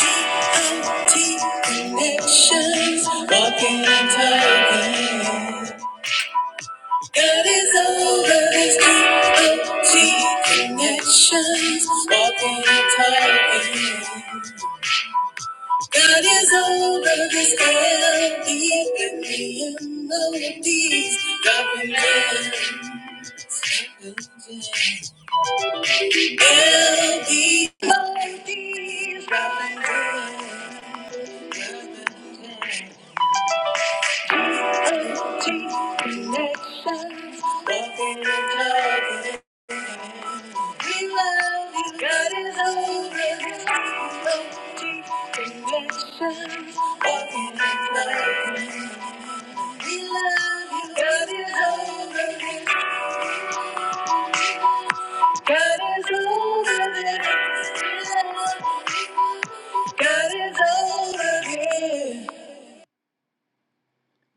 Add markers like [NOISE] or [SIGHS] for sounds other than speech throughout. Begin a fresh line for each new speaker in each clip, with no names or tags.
connections, walking and talking. God is over this D.O.G. connections, walking and talking. God is over this L.E.M.E. and the melodies, dropping in. L.E. melodies, dropping in.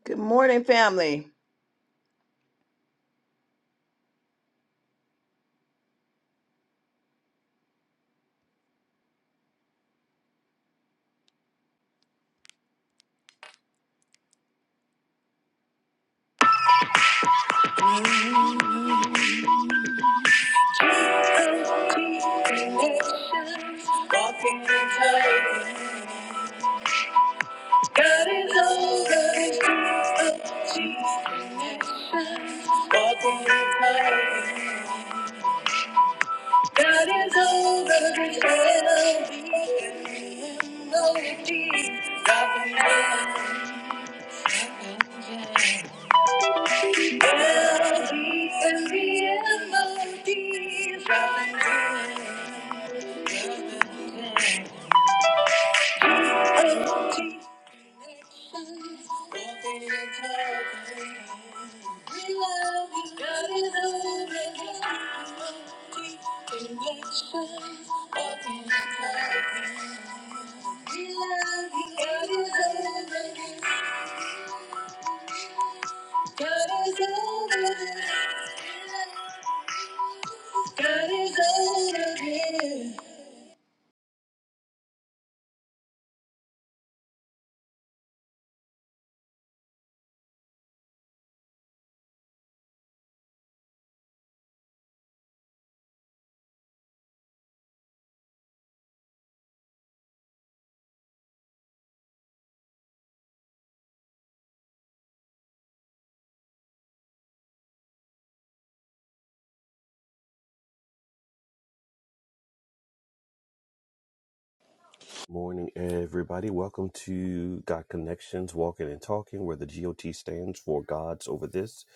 Good morning, family. Walking in love, God is all that is true of Jesus. Walking in love, God is over these enemy and all that is true of Only Jesus. Walking in love, L.D. and the M.O.D. dropping in love,
Morning, everybody. Welcome to God Connections Walking and Talking, where the GOT stands for God's Over This.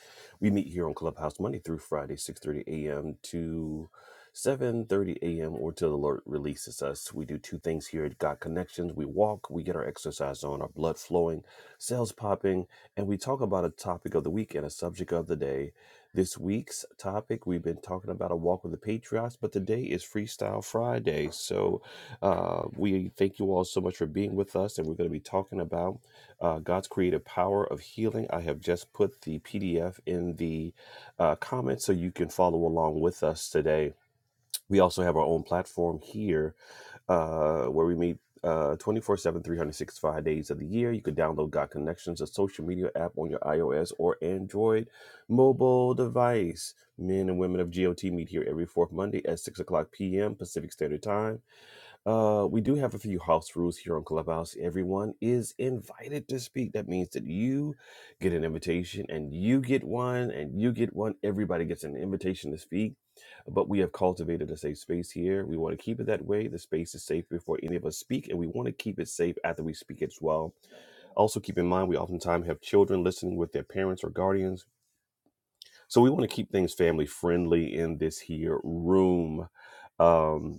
We meet here on Clubhouse Monday through Friday, 6.30 a.m. to 7.30 a.m. or till the Lord releases us. We do two things here at God Connections. We walk, we get our exercise on, our blood flowing, cells popping, and we talk about a topic of the week and a subject of the day. This week's topic, we've been talking about a walk with the Patriots, but today is Freestyle Friday. So uh, we thank you all so much for being with us, and we're going to be talking about uh, God's creative power of healing. I have just put the PDF in the uh, comments so you can follow along with us today. We also have our own platform here uh, where we meet. Uh, 24 seven, three hundred sixty-five days of the year you can download god connections a social media app on your ios or android mobile device men and women of got meet here every fourth monday at 6 o'clock pm pacific standard time uh, we do have a few house rules here on Clubhouse. Everyone is invited to speak. That means that you get an invitation and you get one and you get one. Everybody gets an invitation to speak. But we have cultivated a safe space here. We want to keep it that way. The space is safe before any of us speak, and we want to keep it safe after we speak as well. Also, keep in mind we oftentimes have children listening with their parents or guardians. So we want to keep things family friendly in this here room. Um,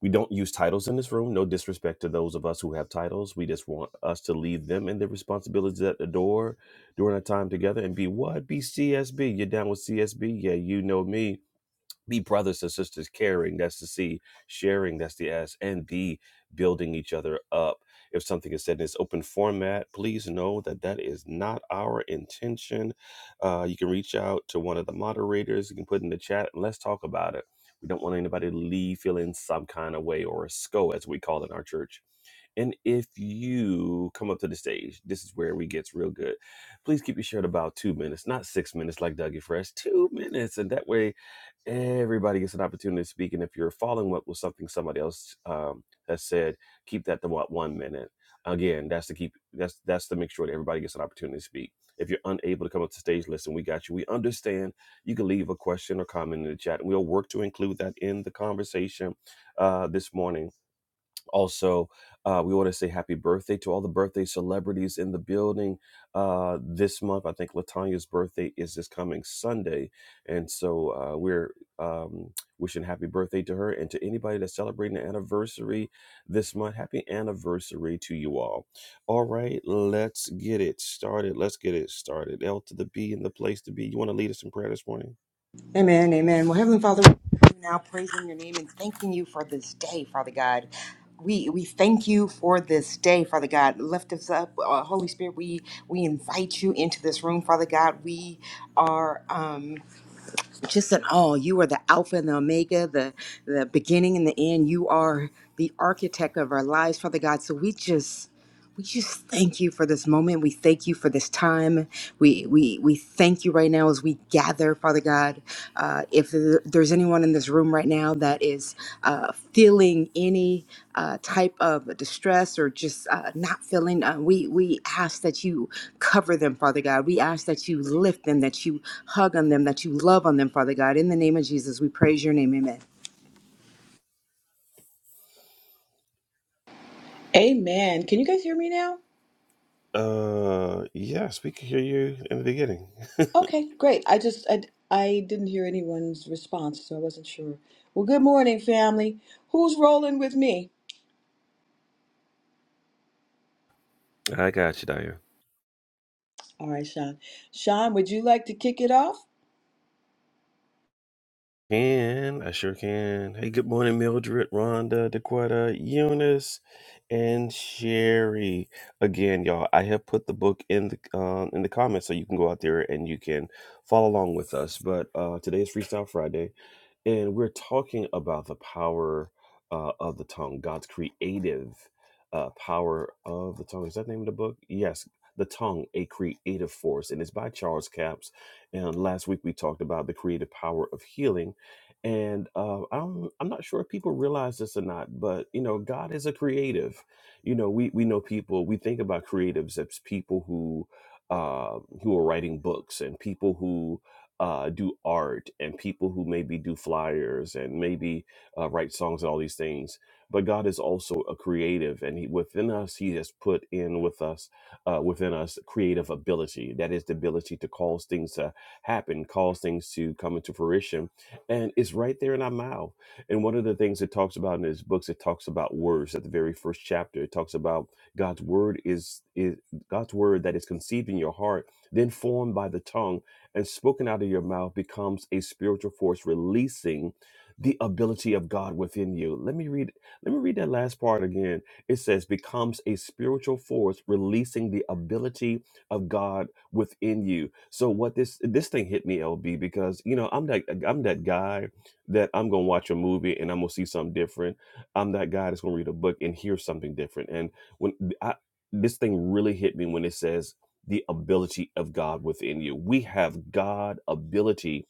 we don't use titles in this room. No disrespect to those of us who have titles. We just want us to leave them and their responsibilities at the door during our time together and be what? Be CSB. You're down with CSB? Yeah, you know me be brothers and sisters caring that's the c sharing that's the s and b building each other up if something is said in this open format please know that that is not our intention uh, you can reach out to one of the moderators you can put in the chat and let's talk about it we don't want anybody to leave feeling some kind of way or a sco as we call it in our church and if you come up to the stage this is where we gets real good please keep your shirt about two minutes not six minutes like dougie fresh two minutes and that way everybody gets an opportunity to speak. And if you're following up with something somebody else um, has said, keep that to what one minute. Again, that's to keep that's that's to make sure that everybody gets an opportunity to speak. If you're unable to come up to stage, listen, we got you. We understand. You can leave a question or comment in the chat, and we'll work to include that in the conversation uh, this morning also, uh, we want to say happy birthday to all the birthday celebrities in the building uh, this month. I think Latanya's birthday is this coming Sunday, and so uh, we're um, wishing happy birthday to her and to anybody that's celebrating an anniversary this month. Happy anniversary to you all. All right, let's get it started. Let's get it started. L to the B in the place to be. You want to lead us in prayer this morning?
Amen, amen. Well, Heavenly Father, we come now praising your name and thanking you for this day, Father God. We, we thank you for this day, Father God. Lift us up, uh, Holy Spirit. We we invite you into this room, Father God. We are um, just in awe. You are the Alpha and the Omega, the the beginning and the end. You are the architect of our lives, Father God. So we just we just thank you for this moment. We thank you for this time. We we we thank you right now as we gather, Father God. Uh, if there's anyone in this room right now that is uh, feeling any uh, type of distress or just uh, not feeling, uh, we we ask that you cover them, Father God. We ask that you lift them, that you hug on them, that you love on them, Father God. In the name of Jesus, we praise your name. Amen.
Amen. Can you guys hear me now?
Uh, yes, we can hear you in the beginning.
Okay, great. I just I, I didn't hear anyone's response, so I wasn't sure. Well, good morning, family. Who's rolling with me?
I got you, Daya.
All right, Sean. Sean, would you like to kick it off?
Can I sure can. Hey, good morning, Mildred, Rhonda, Dequetta, Eunice, and Sherry. Again, y'all, I have put the book in the um, in the comments so you can go out there and you can follow along with us. But uh, today is Freestyle Friday and we're talking about the power uh, of the tongue, God's creative uh, power of the tongue. Is that the name of the book? Yes, The Tongue, a Creative Force, and it's by Charles Capps. And last week we talked about the creative power of healing. And uh, I'm I'm not sure if people realize this or not, but you know, God is a creative. You know, we we know people. We think about creatives as people who uh, who are writing books and people who uh, do art and people who maybe do flyers and maybe uh, write songs and all these things. But God is also a creative, and he, within us, He has put in with us, uh, within us, creative ability. That is the ability to cause things to happen, cause things to come into fruition, and it's right there in our mouth. And one of the things it talks about in His books, it talks about words. At the very first chapter, it talks about God's word is is God's word that is conceived in your heart, then formed by the tongue and spoken out of your mouth becomes a spiritual force releasing the ability of God within you. Let me read let me read that last part again. It says becomes a spiritual force releasing the ability of God within you. So what this this thing hit me LB because you know I'm that I'm that guy that I'm going to watch a movie and I'm going to see something different. I'm that guy that's going to read a book and hear something different. And when I this thing really hit me when it says the ability of God within you. We have God ability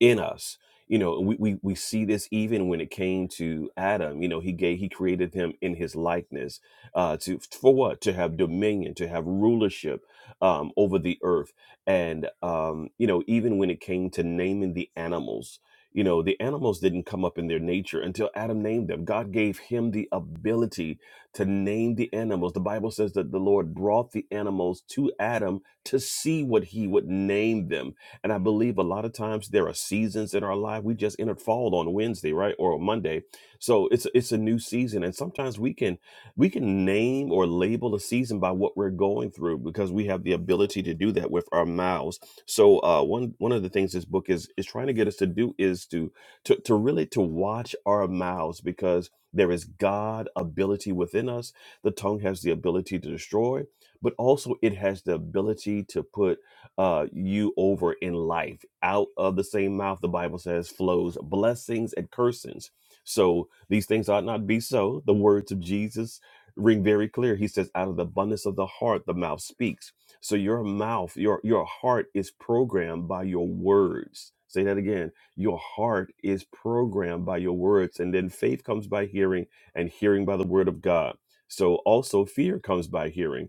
in us. You know, we, we, we see this even when it came to Adam. You know, he gave he created him in his likeness uh, to for what to have dominion, to have rulership um, over the earth, and um, you know, even when it came to naming the animals, you know, the animals didn't come up in their nature until Adam named them. God gave him the ability to name the animals. The Bible says that the Lord brought the animals to Adam to see what he would name them and I believe a lot of times there are seasons in our life. We just entered fall on Wednesday, right, or Monday. So it's it's a new season, and sometimes we can we can name or label a season by what we're going through because we have the ability to do that with our mouths. So uh, one one of the things this book is is trying to get us to do is to to, to really to watch our mouths because there is God ability within us. The tongue has the ability to destroy, but also it has the ability to put uh, you over in life. Out of the same mouth, the Bible says, flows blessings and cursings. So these things ought not be so. The words of Jesus ring very clear. He says, out of the abundance of the heart, the mouth speaks. So your mouth, your your heart is programmed by your words. Say that again. Your heart is programmed by your words. And then faith comes by hearing, and hearing by the word of God. So also fear comes by hearing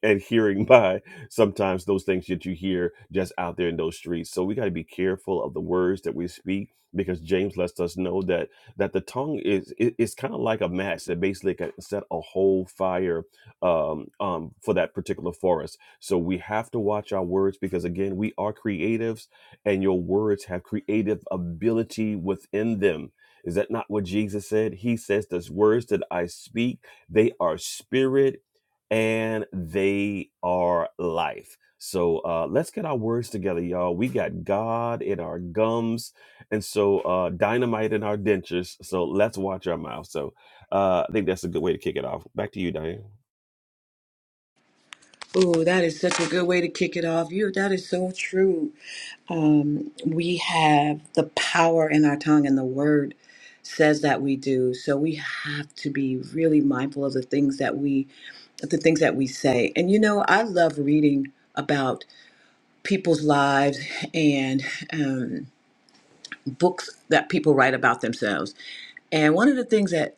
[LAUGHS] And hearing by sometimes those things that you hear just out there in those streets. So we got to be careful of the words that we speak because James lets us know that that the tongue is it, it's kind of like a match that basically can set a whole fire um, um, for that particular forest. So we have to watch our words because again, we are creatives, and your words have creative ability within them. Is that not what Jesus said? He says, "Those words that I speak, they are spirit and they are life. So uh, let's get our words together, y'all. We got God in our gums, and so uh, dynamite in our dentures. So let's watch our mouth. So uh, I think that's a good way to kick it off. Back to you, Diane.
Oh, that is such a good way to kick it off. You, that is so true. Um, we have the power in our tongue, and the word says that we do. So we have to be really mindful of the things that we, the things that we say. And you know, I love reading about people's lives and um, books that people write about themselves. And one of the things that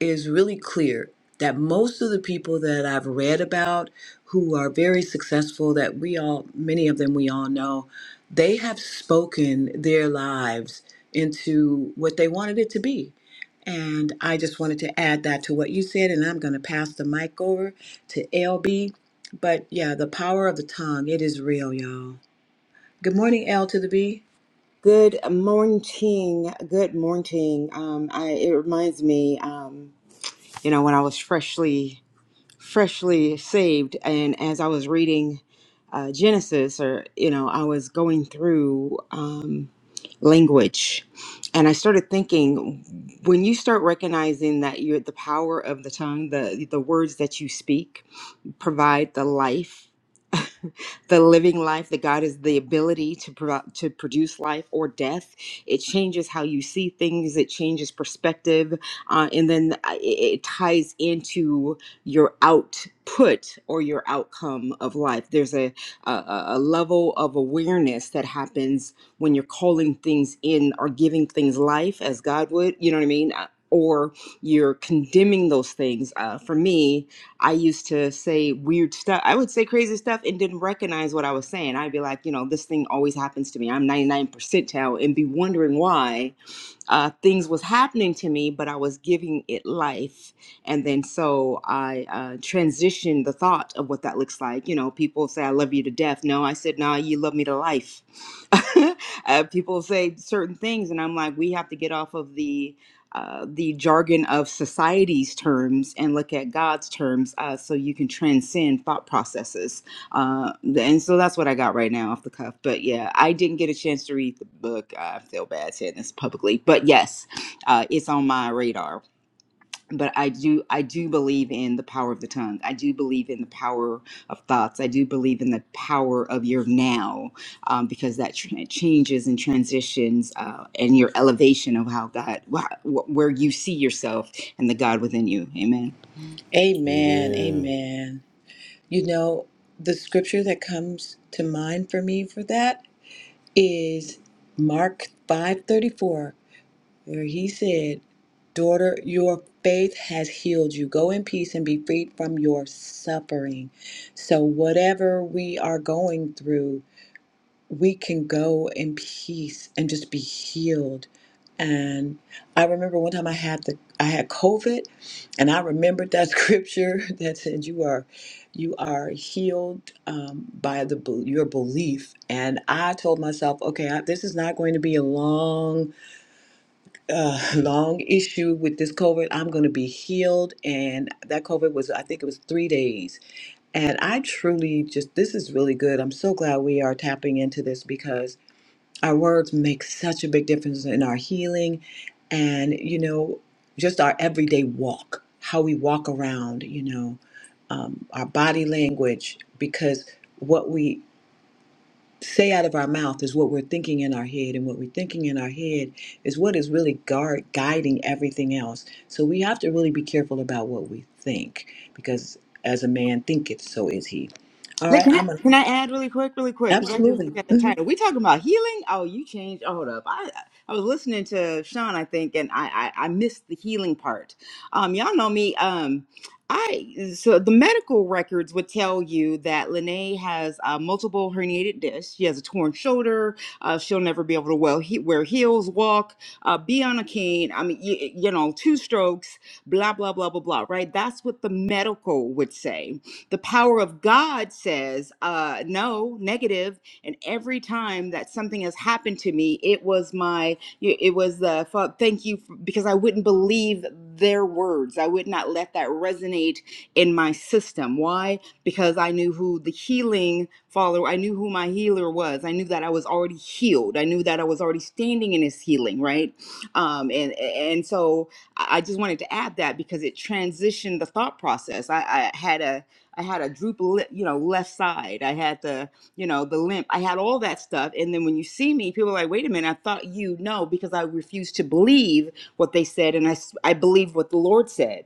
it is really clear that most of the people that I've read about who are very successful, that we all, many of them we all know, they have spoken their lives into what they wanted it to be. And I just wanted to add that to what you said, and I'm going to pass the mic over to LB. But yeah, the power of the tongue, it is real, y'all. Good morning, L to the B.
Good morning. Good morning. Um, I, it reminds me, um, you know, when I was freshly freshly saved and as i was reading uh, genesis or you know i was going through um, language and i started thinking when you start recognizing that you're the power of the tongue the the words that you speak provide the life the living life that God is the ability to pro- to produce life or death. It changes how you see things. It changes perspective, uh, and then uh, it, it ties into your output or your outcome of life. There's a, a a a level of awareness that happens when you're calling things in or giving things life as God would. You know what I mean? Uh, Or you're condemning those things. Uh, for me, I used to say weird stuff. I would say crazy stuff and didn't recognize what I was saying. I'd be like, you know, this thing always happens to me. I'm 99 percentile and be wondering why uh, things was happening to me, but I was giving it life. And then so I uh, transitioned the thought of what that looks like. You know, people say, I love you to death. No, I said, no, you love me to life. [LAUGHS] uh, people say certain things, and I'm like, we have to get off of the uh, the jargon of society's terms and look at God's terms uh, so you can transcend thought processes uh, and so that's what I got right now off the cuff. But yeah, I didn't get a chance to read the book. I feel bad saying this publicly, but yes, uh, it's on my radar. But I do, I do believe in the power of the tongue. I do believe in the power of thoughts. I do believe in the power of your now, um, because that tr- changes and transitions, uh, and your elevation of how God, wh- wh- where you see yourself and the God within you. Amen.
Amen.
Amen.
Amen. You know, the scripture that comes to mind for me for that is Mark 5:34 where he said, "Daughter, your faith has healed you. Go in peace and be freed from your suffering." So whatever we are going through, we can go in peace and just be healed. And I remember one time I had the I had COVID and I remembered that scripture [LAUGHS] that said you are you are healed um, by the bel- your belief and I told myself okay I, this is not going to be a long uh, [LAUGHS] long issue with this COVID I'm going to be healed and that COVID was I think it was three days and I truly just, this is really good. I'm so glad we are tapping into this because our words make such a big difference in our healing and, you know, just our everyday walk, how we walk around, you know, um, our body language, because what we say out of our mouth is what we're thinking in our head, and what we're thinking in our head is what is really guard, guiding everything else. So we have to really be careful about what we think, because as a man thinketh, so is he. All
Look,
right,
can I,
I'm a
can I add really quick, really quick? Because I just
absolutely.
looked at the
Mhm.
title. We talking about healing? Oh, you changed. Oh, hold up. I I was listening to Sean, I think, and I I, I missed the healing part. Um, y'all know me. Um, I so the medical records would tell you that Lene has uh, multiple herniated discs. She has a torn shoulder. Uh, she'll never be able to well he, wear heels, walk, uh, be on a cane. I mean, you, you know, two strokes. Blah blah blah blah blah. Right? That's what the medical would say the power of God says, uh, no, negative. And every time that something has happened to me, it was my, it was the thank you for, because I wouldn't believe their words. I would not let that resonate in my system. Why? Because I knew who the healing follower, I knew who my healer was. I knew that I was already healed. I knew that I was already standing in his healing, right? Um, and and so I I just wanted to add that because it transitioned the thought process. I, I had a I had a droop, you know, left side. I had the, you know, the limp. I had all that stuff. And then when you see me, people are like, wait a minute, I thought you know, because I refused to believe what they said. And I, I believed what the Lord said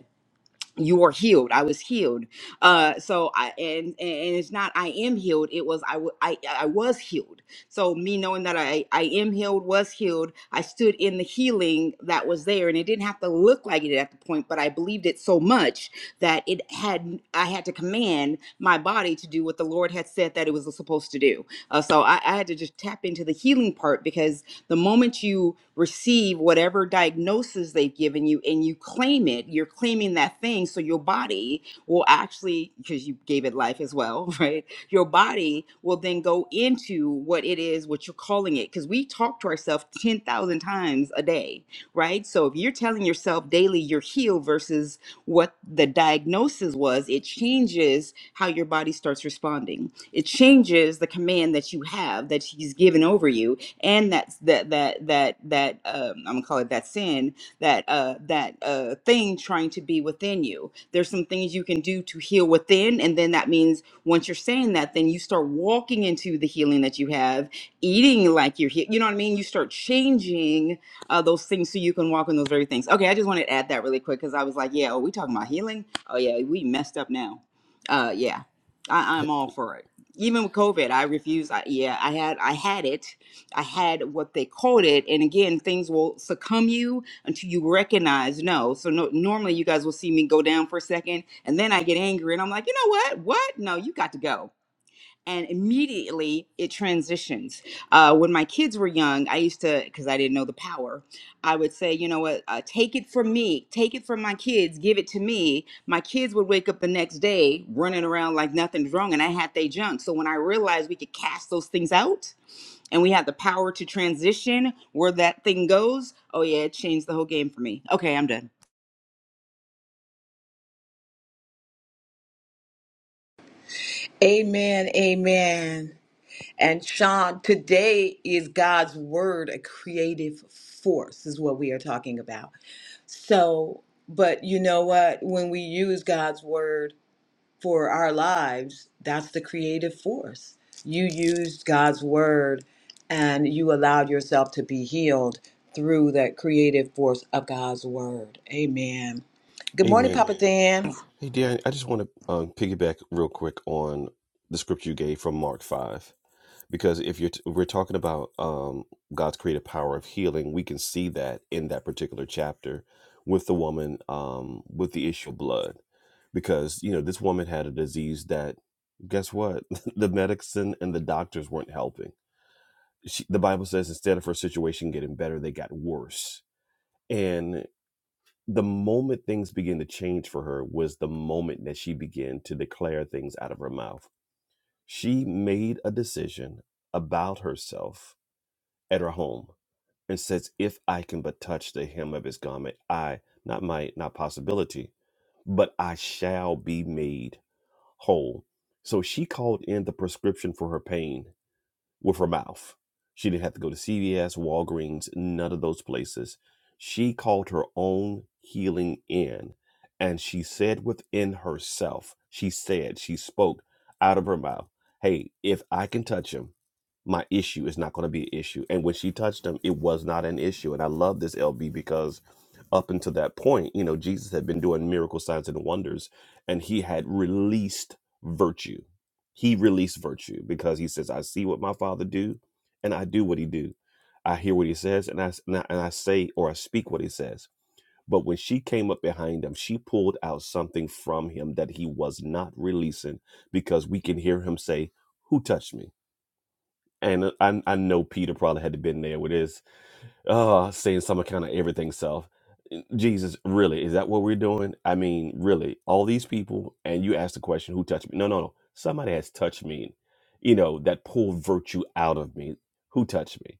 you are healed i was healed uh so i and and it's not i am healed it was i w- i i was healed so me knowing that i i am healed was healed i stood in the healing that was there and it didn't have to look like it at the point but i believed it so much that it had i had to command my body to do what the lord had said that it was supposed to do uh, so I, I had to just tap into the healing part because the moment you receive whatever diagnosis they've given you and you claim it, you're claiming that thing. So your body will actually, because you gave it life as well, [LAUGHS] right? Your body will then go into what it is, what you're calling it. Because we talk to ourselves 10,000 times a day, right? So if you're telling yourself daily you're healed versus what the diagnosis was, it changes how your body starts responding. It changes the command that you have that he's given over you and that's that that that that um, I'm gonna call it that sin that uh that uh thing trying to be within you. There's some things you can do to heal within, and then that means once you're saying that, then you start walking into the healing that you have, eating like you're he- you know what I mean. You start changing uh, those things so you can walk in those very things. Okay, I just wanted to add that really quick because I was like, yeah, oh, we talking about healing? Oh yeah, we messed up now. Uh, yeah, I, I'm all for it. Even with COVID, I refused. I, yeah, I had I had it I had what they called it. And again, things will succumb you until you recognize no. So no, normally you guys will see me go down for a second and then I get angry and I'm like, you know what? What? No, you got to go and immediately it transitions. Uh, when my kids were young, I used to, because I didn't know the power, I would say, you know what, uh, take it from me, take it from my kids, give it to me. My kids would wake up the next day running around like nothing's wrong, and I had they junk. So when I realized we could cast those things out, and we had the power to transition where that thing goes. Oh yeah, it changed the whole game for me. Okay, I'm done.
Amen. Amen. And Sean, today is God's word a creative force, is what we are talking about. So, but you know what? When we use God's word for our lives, that's the creative force. You used God's word and you allowed yourself to be healed through that creative force of God's word. Amen. Good morning,
Amen.
Papa Amen. Dan.
Hey, Diane, I just want to um, piggyback real quick on the scripture you gave from Mark 5. because if you're t- we're talking about um, God's creative power of healing, we can see that in that particular chapter with the woman um, with the issue of blood, because you know this woman had a disease that guess what [LAUGHS] the medicine and the doctors weren't helping. She, the Bible says instead of her situation getting better, they got worse. And the moment things began to change for her was the moment that she began to declare things out of her mouth. She made a decision about herself at her home and says, If I can but touch the hem of his garment, I, not might, not possibility, but I shall be made whole. So she called in the prescription for her pain with her mouth. She didn't have to go to CVS, Walgreens, none of those places. She called her own healing in. And she said within herself, she said, she spoke out of her mouth, Hey, if I can touch him, my issue is not going to be an issue. And when she touched him, it was not an issue. And I love this LB because up until that point, you know, Jesus had been doing miracle signs and wonders and he had released virtue. He released virtue because he says, I see what my father do and I do what he do. I hear what he says and I, s- and I, and I say or I speak what he says. But when she came up behind him, she pulled out something from him that he was not releasing because we can hear him say, Who touched me? and uh, I, I know Peter probably had to been there with his uh saying some kind of everything self. Eh, Jesus, really, is that what we're doing? I mean, really, all these people, and you ask the question, who touched me? No, no, no. Somebody has touched me. You know, that pulled virtue out of me. Who touched me?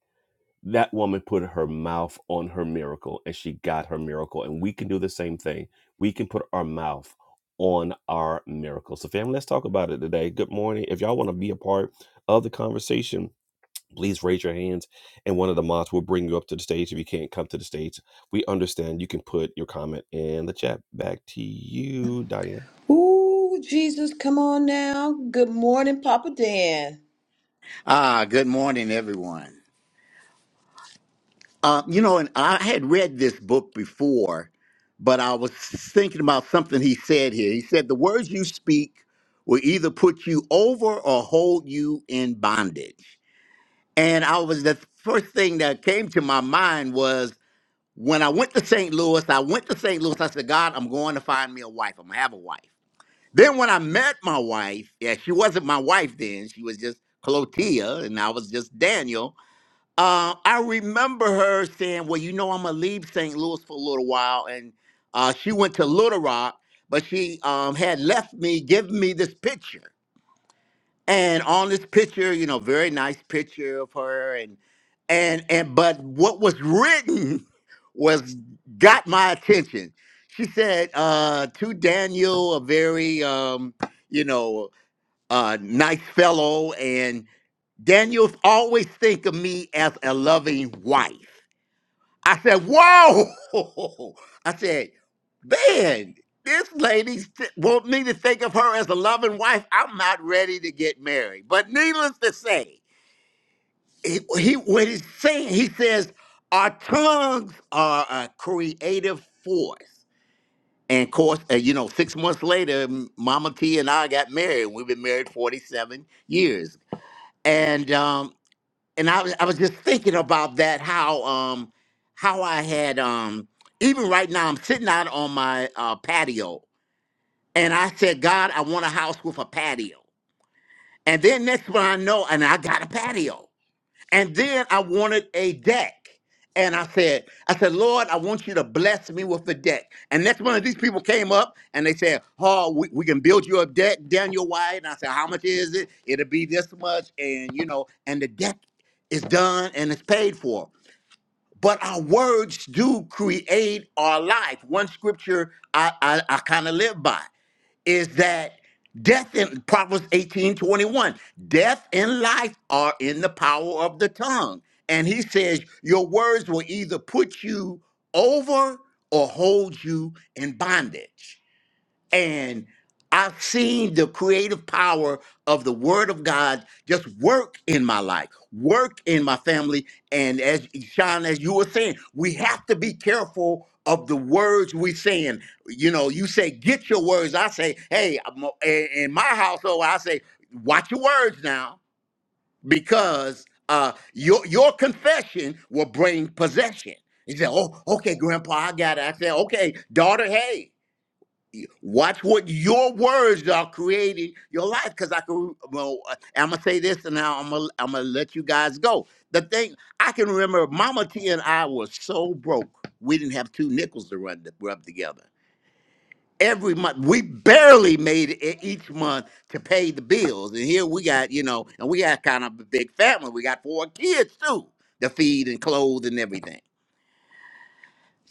That woman put her mouth on her miracle and she got her miracle. And we can do the same thing. We can put our mouth on our miracle. So, family, let's talk about it today. Good morning. If y'all want to be a part of the conversation, please raise your hands and one of the mods will bring you up to the stage if you can't come to the stage we understand you can put your comment in the chat back to you diane
Ooh, Jesus, come on now. Good morning, Papa Dan.
Ah, good morning, everyone. Uh, you know, and I had read this book before, but I was thinking about something he said here. He said, The words you speak will either put you over or hold you in bondage. And I was, the first thing that came to my mind was when I went to St. Louis, I went to St. Louis, I said, God, I'm going to find me a wife. I'm going to have a wife. Then when I met my wife, yeah, she wasn't my wife then, she was just Clotia, and I was just Daniel uh, I remember her saying, "Well, you know, I'm gonna leave St. Louis for a little while," and uh, she went to Little Rock, but she um, had left me, given me this picture, and on this picture, you know, very nice picture of her, and and and but what was written [LAUGHS] was got my attention. She said uh, to Daniel, a very um, you know uh, nice fellow, Daniel's always think of me as a loving wife. I said, whoa. [LAUGHS] I said, man, this lady st- want me to think of her as a loving wife. I'm not ready to get married. But needless to say, he, he what he's saying, he says, our tongues are a creative force. And of course, uh, you know, six months later, M- Mama T and I got married. We've been married 47 years. And um. and I was I was just thinking about that how um how I had um even right now I'm sitting out on my uh, patio and I said God I want a house with a patio and then next one I know and I got a patio and then I wanted a deck. And I said, I said, Lord, I want you to bless me with a deck. And next one of these people came up and they said, Oh, we, we can build you a deck, Daniel White. And I said, How much is it? It'll be this much. And you know, and the deck is done and it's paid for. But our words do create our life. One scripture I, I, I kind of live by is that death in Proverbs 18 21? death and life are in the power of the tongue. And he says, Your words will either put you over or hold you in bondage and I've seen the creative power of the Word of God just work in my life, work in my family. And as Sean, as you were saying, we have to be careful of the words we're saying. You know, you say, get your words. I say, hey, I'm a- in in my household, I say, watch your words now because uh, your, your confession will bring possession. He said, oh, okay, Grandpa, I got it. I said, okay, daughter, hey. Watch what your words are creating your life. Because I can, well, uh, I'm gonna say this, and now I'm gonna I'm gonna let you guys go. The thing I can remember, Mama T and I were so broke, we didn't have two nickels to run to rub together. Every month, we barely made it each month to pay the bills, and here we got, you know, and we got kind of a big family. We got four kids too to feed and clothe and everything.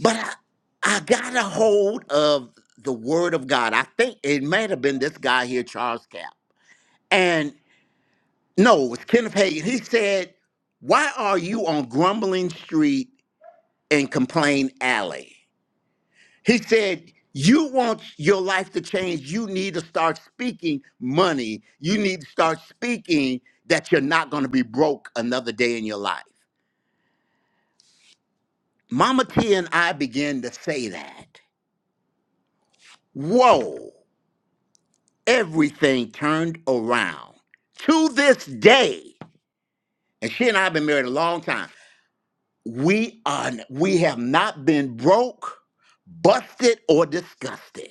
But I, I got a hold of the word of God. I think it might have been this guy here, Charles Cap. And no, it was Kenneth Hagin. He said, Why are you on Grumbling Street and Complain Alley? He said, You want your life to change. You need to start speaking money. You need to start speaking that you're not going to be broke another day in your life. Mama T and I began to say that. Whoa. everything turned around to this day. And she and I have been married a long time. We are we have not been broke, busted, or disgusted.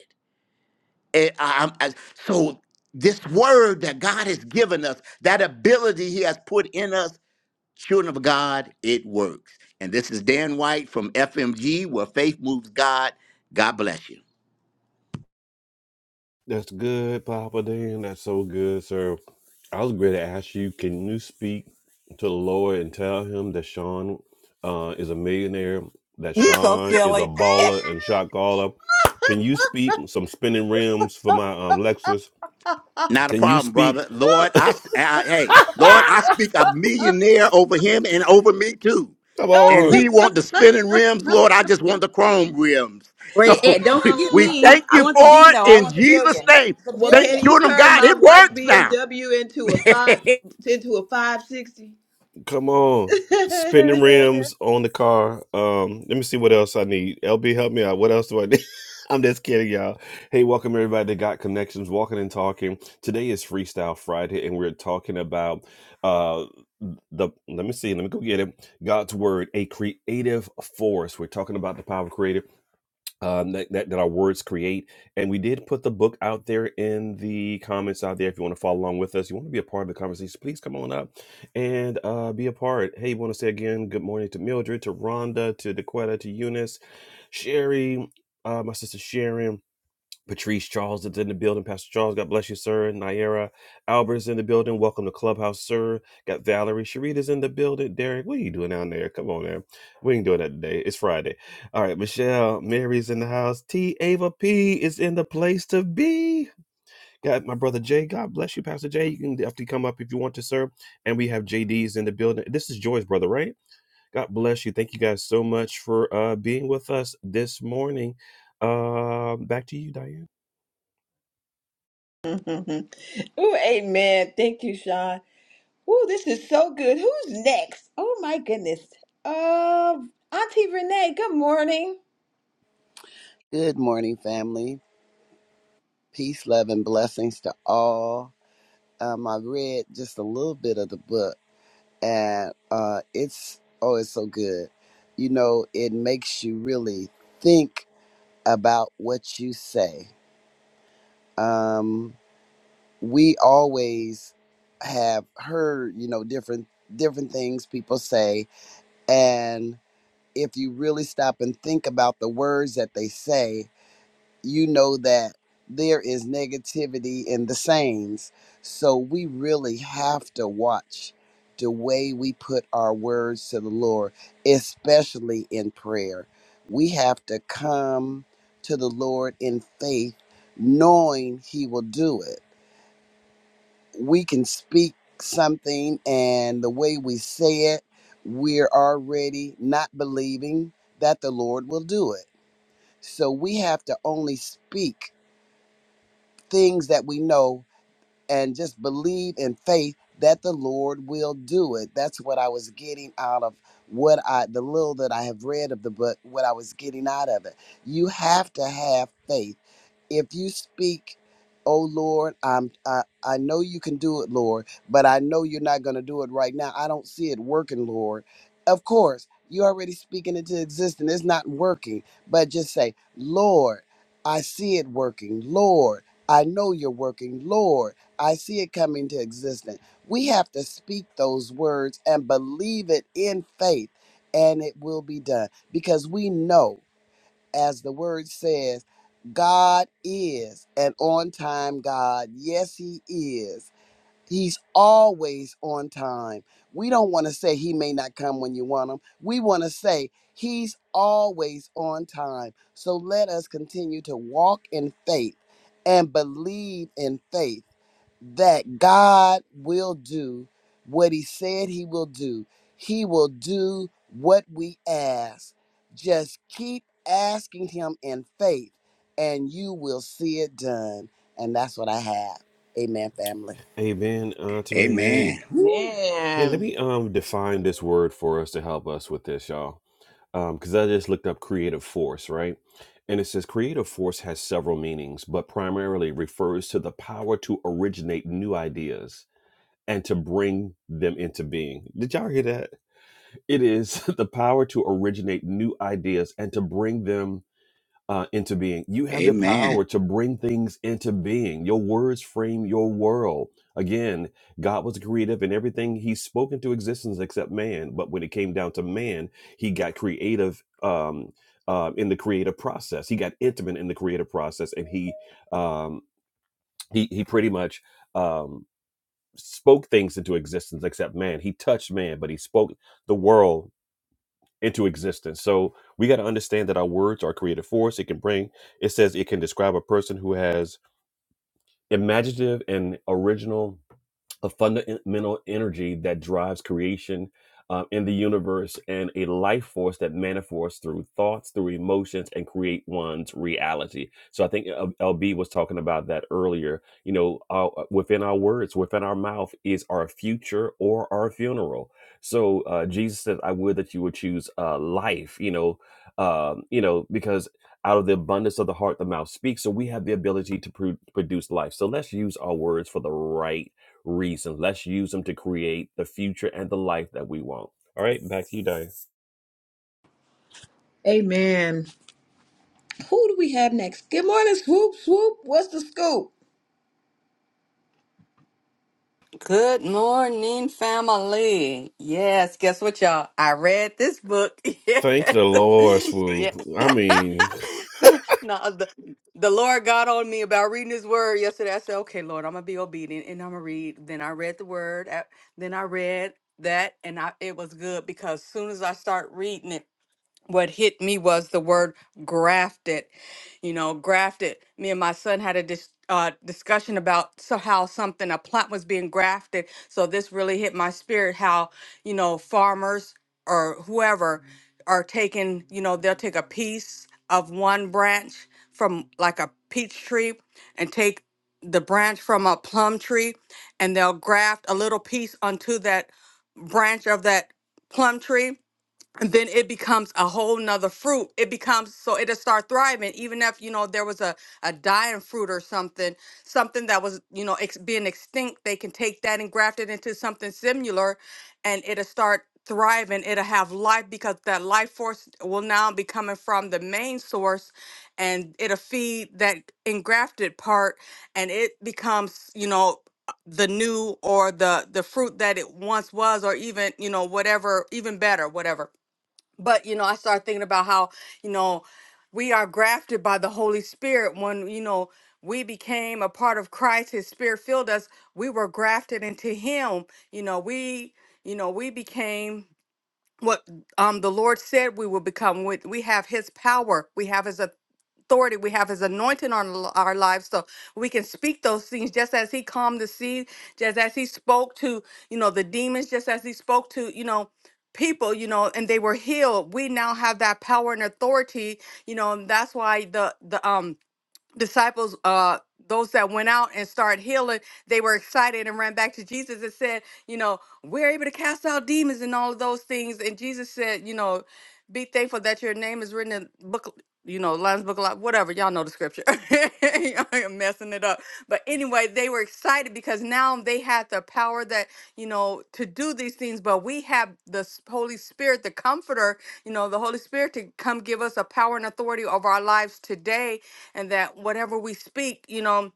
And I- I'm- I- so this word that God has given us, that ability He has put in us, children of God, it works. And this is Dan White from FMG, where faith moves God. God bless you.
that's good papa dan that's so good sir i was going to ask you can you speak to the lord and tell him that sean uh, is a millionaire that
You so
sean is a
silly.
baller and shot caller can you speak some spinning rims for my um lexus
Not a
can you
problem,
speak
brother. Lord, I, I
[LAUGHS]
hey, Lord, I speak a millionaire over him and over me too.
come
And
[LAUGHS]
on
he want the spinning rims, Lord. I just want the chrome rims. So
Wait, eh, don't
[LAUGHS] we,
forget
we
Ah.
me.
thank
I
you for
want the B
it
though. I
in
want the
Jesus'
billion.
name.
The
Well,
Thank
can
billion.
he
children of
turn
God.
my
It
white
works now.
BMW into a five into a five sixty?
Come on.
[LAUGHS]
Spinning rims on the car. Um, let me see what else I need. LB, help me out. What else do I need? [LAUGHS] I'm just kidding, y'all. Hey, welcome everybody to Got Connections, Walking and Talking. Today is Freestyle Friday, and we're talking about uh the let me see, let me go get it. God's word, a creative force. We're talking about the power of creative um, that, that, that our words create. And we did put the book out there in the comments out there. If you want to follow along with us, you want to be a part of the conversation, please come on up and uh, be a part. Hey, want to say again, good morning to Mildred, to Rhonda, to Dequetta, to Eunice, Sherry, uh, my sister Sharon. Patrice Charles is in the building. Pastor Charles, God bless you, sir. Naira Albert's in the building. Welcome to Clubhouse, sir. Got Valerie. Sharita's in the building. Derek, what are you doing down there? Come on, man. We ain't doing that today. It's Friday. All right, Michelle, Mary's in the house. T. Ava P is in the place to be. Got my brother Jay. God bless you, Pastor Jay. You can definitely come up if you want to, sir. And we have JD's in the building. This is Joy's brother, right? God bless you. Thank you guys so much for uh, being with us this morning. Uh, back to you, Diane.
Ooh, amen. Thank you, Sean. Ooh, this is so good. Who's next? Oh my goodness. Uh, Auntie Renee. Good morning.
Good morning, family. Peace, love, and blessings to all. Um, I read just a little bit of the book, and uh, it's oh, it's so good. You know, it makes you really think about what you say. Um, we always have heard, you know, different different things people say, and if you really stop and think about the words that they say you know that there is negativity in the sayings. So we really have to watch the way we put our words to the Lord, especially in prayer. We have to come to the Lord in faith, knowing He will do it. We can speak something, and the way we say it, we're already not believing that the Lord will do it. So we have to only speak things that we know and just believe in faith that the Lord will do it. That's what I was getting out of what I, the little that I have read of the book, what I was getting out of it. You have to have faith if you speak oh lord i'm i, I know you can do it lord but i know you're not going to do it right now i don't see it working lord of course you already speaking into existence it's not working but just say lord i see it working lord i know you're working lord i see it coming to existence we have to speak those words and believe it in faith and it will be done because we know as the word says, God is an on time God. Yes, He is. He's always on time. We don't want to say He may not come when you want Him. We want to say He's always on time. So let us continue to walk in faith and believe in faith that God will do what he said he will do. He will do what we ask. Just keep asking him in faith and you will see it done. And that's what I have. Amen, family.
Amen, Auntie
[LAUGHS]
Renee.
Amen. Woo.
Hey, let
Man.
me um define this word for us to help us with this, y'all. Um, because I just looked up creative force, right? And it says creative force has several meanings, but primarily refers to the power to originate new ideas and to bring them into being. Did y'all hear that? It is [LAUGHS] the power to originate new ideas and to bring them uh, into being. You have the
Amen.
power to bring things into being. Your words frame your world. Again, God was creative in everything He spoke into existence except man. But when it came down to man, He got creative um, uh, in the creative process. He got intimate in the creative process, and He um, He He pretty much. Um, spoke things into existence except man he touched man but he spoke the world into existence. So we got to understand that our words are creative force. It can bring, it says it can describe a person who has imaginative and original a fundamental energy that drives creation uh, in the universe and a life force that manifests through thoughts, through emotions, and create one's reality. So I think uh, LB was talking about that earlier. You know, uh, within our words, within our mouth is our future or our funeral. So uh, Jesus said, "I would that you would choose uh, life." You know, um, you know, because out of the abundance of the heart, the mouth speaks. So we have the ability to pro- produce life. So let's use our words for the right reasons. Let's use them to create the future and the life that we want. All right, back to you, Dave.
Amen. Who do we have next? Good morning, Swoop. Swoop. What's the scoop?
Good morning, family. Yes, guess what, y'all? I read this book. [LAUGHS]
Thank the Lord,
Yes.
Swoop. I mean,
yes. [LAUGHS] no, the, the Lord got on me about reading His Word yesterday. I said, "Okay, Lord, I'm gonna be obedient and I'm gonna read." Then I read the Word. uh, Then I read that, and I it was good because as soon as I start reading it. what hit me was the word grafted you know grafted me and my son had a dis- uh, discussion about so how something a plant was being grafted so this really hit my spirit how you know farmers or whoever are taking you know they'll take a piece of one branch from like a peach tree and take the branch from a plum tree and they'll graft a little piece onto that branch of that plum tree and then it becomes a whole nother fruit. It becomes so it'll start thriving, even if you know there was a, a dying fruit or something, something that was you know ex- being extinct. They can take that and graft it into something similar, and it'll start thriving. It'll have life because that life force will now be coming from the main source, and it'll feed that engrafted part, and it becomes you know the new or the the fruit that it once was, or even you know whatever, even better, whatever but you know i started thinking about how you know we are grafted by the holy spirit when you know we became a part of christ his spirit filled us we were grafted into him you know we you know we became what um the lord said we would become With we have his power we have his authority authority we have his anointing on l- our lives so we can speak those things just as he calmed the sea just as he spoke to you know the demons just as he spoke to you know people you know and they were healed we now have that power and authority you know and that's why the the um disciples uh those that went out and started healing they were excited and ran back to jesus and said you know we're able to cast out demons and all of those things and jesus said you know be thankful that your name is written in book you know lines book of life whatever y'all know the scripture [LAUGHS] i'm messing it up but anyway they were excited because now they had the power that you know to do these things but we have the s- holy spirit the comforter you know the holy spirit to come give us a power and authority over our lives today and that whatever we speak, you know,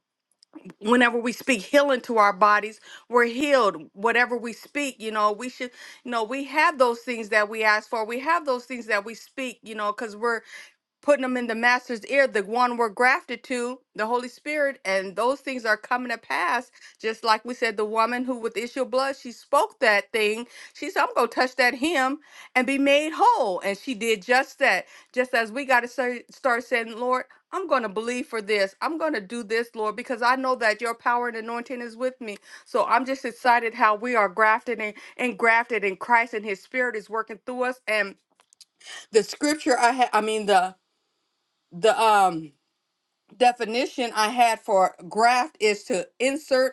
whenever we speak healing to our bodies, we're healed. Whatever we speak, you know, we should, you know, we have those things that we ask for. We have those things that we speak, you know, because we're putting them in the master's ear, the one we're grafted to, the Holy Spirit, and those things are coming to pass. Just like we said, the woman who with the issue of blood, she spoke that thing. She said, I'm gonna touch that hem and be made whole. And she did just that. Just as we gotta start saying, Lord, I'm gonna believe for this. I'm gonna do this, Lord, because I know that your power and anointing is with me. So I'm just excited how we are grafted and, and grafted in Christ and his spirit is working through us. And the scripture I had, I mean the the um definition I had for graft is to insert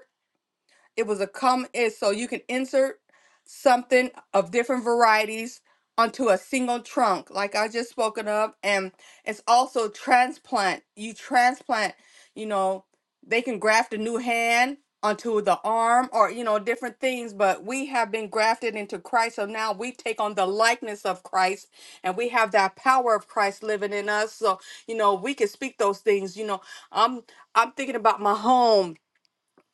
it was a come is so you can insert something of different varieties onto a single trunk, like I just spoken of, and it's also transplant. You transplant, you know, they can graft a new hand onto the arm or you know different things but we have been grafted into christ so now we take on the likeness of christ and we have that power of christ living in us so you know we can speak those things you know i'm i'm thinking about my home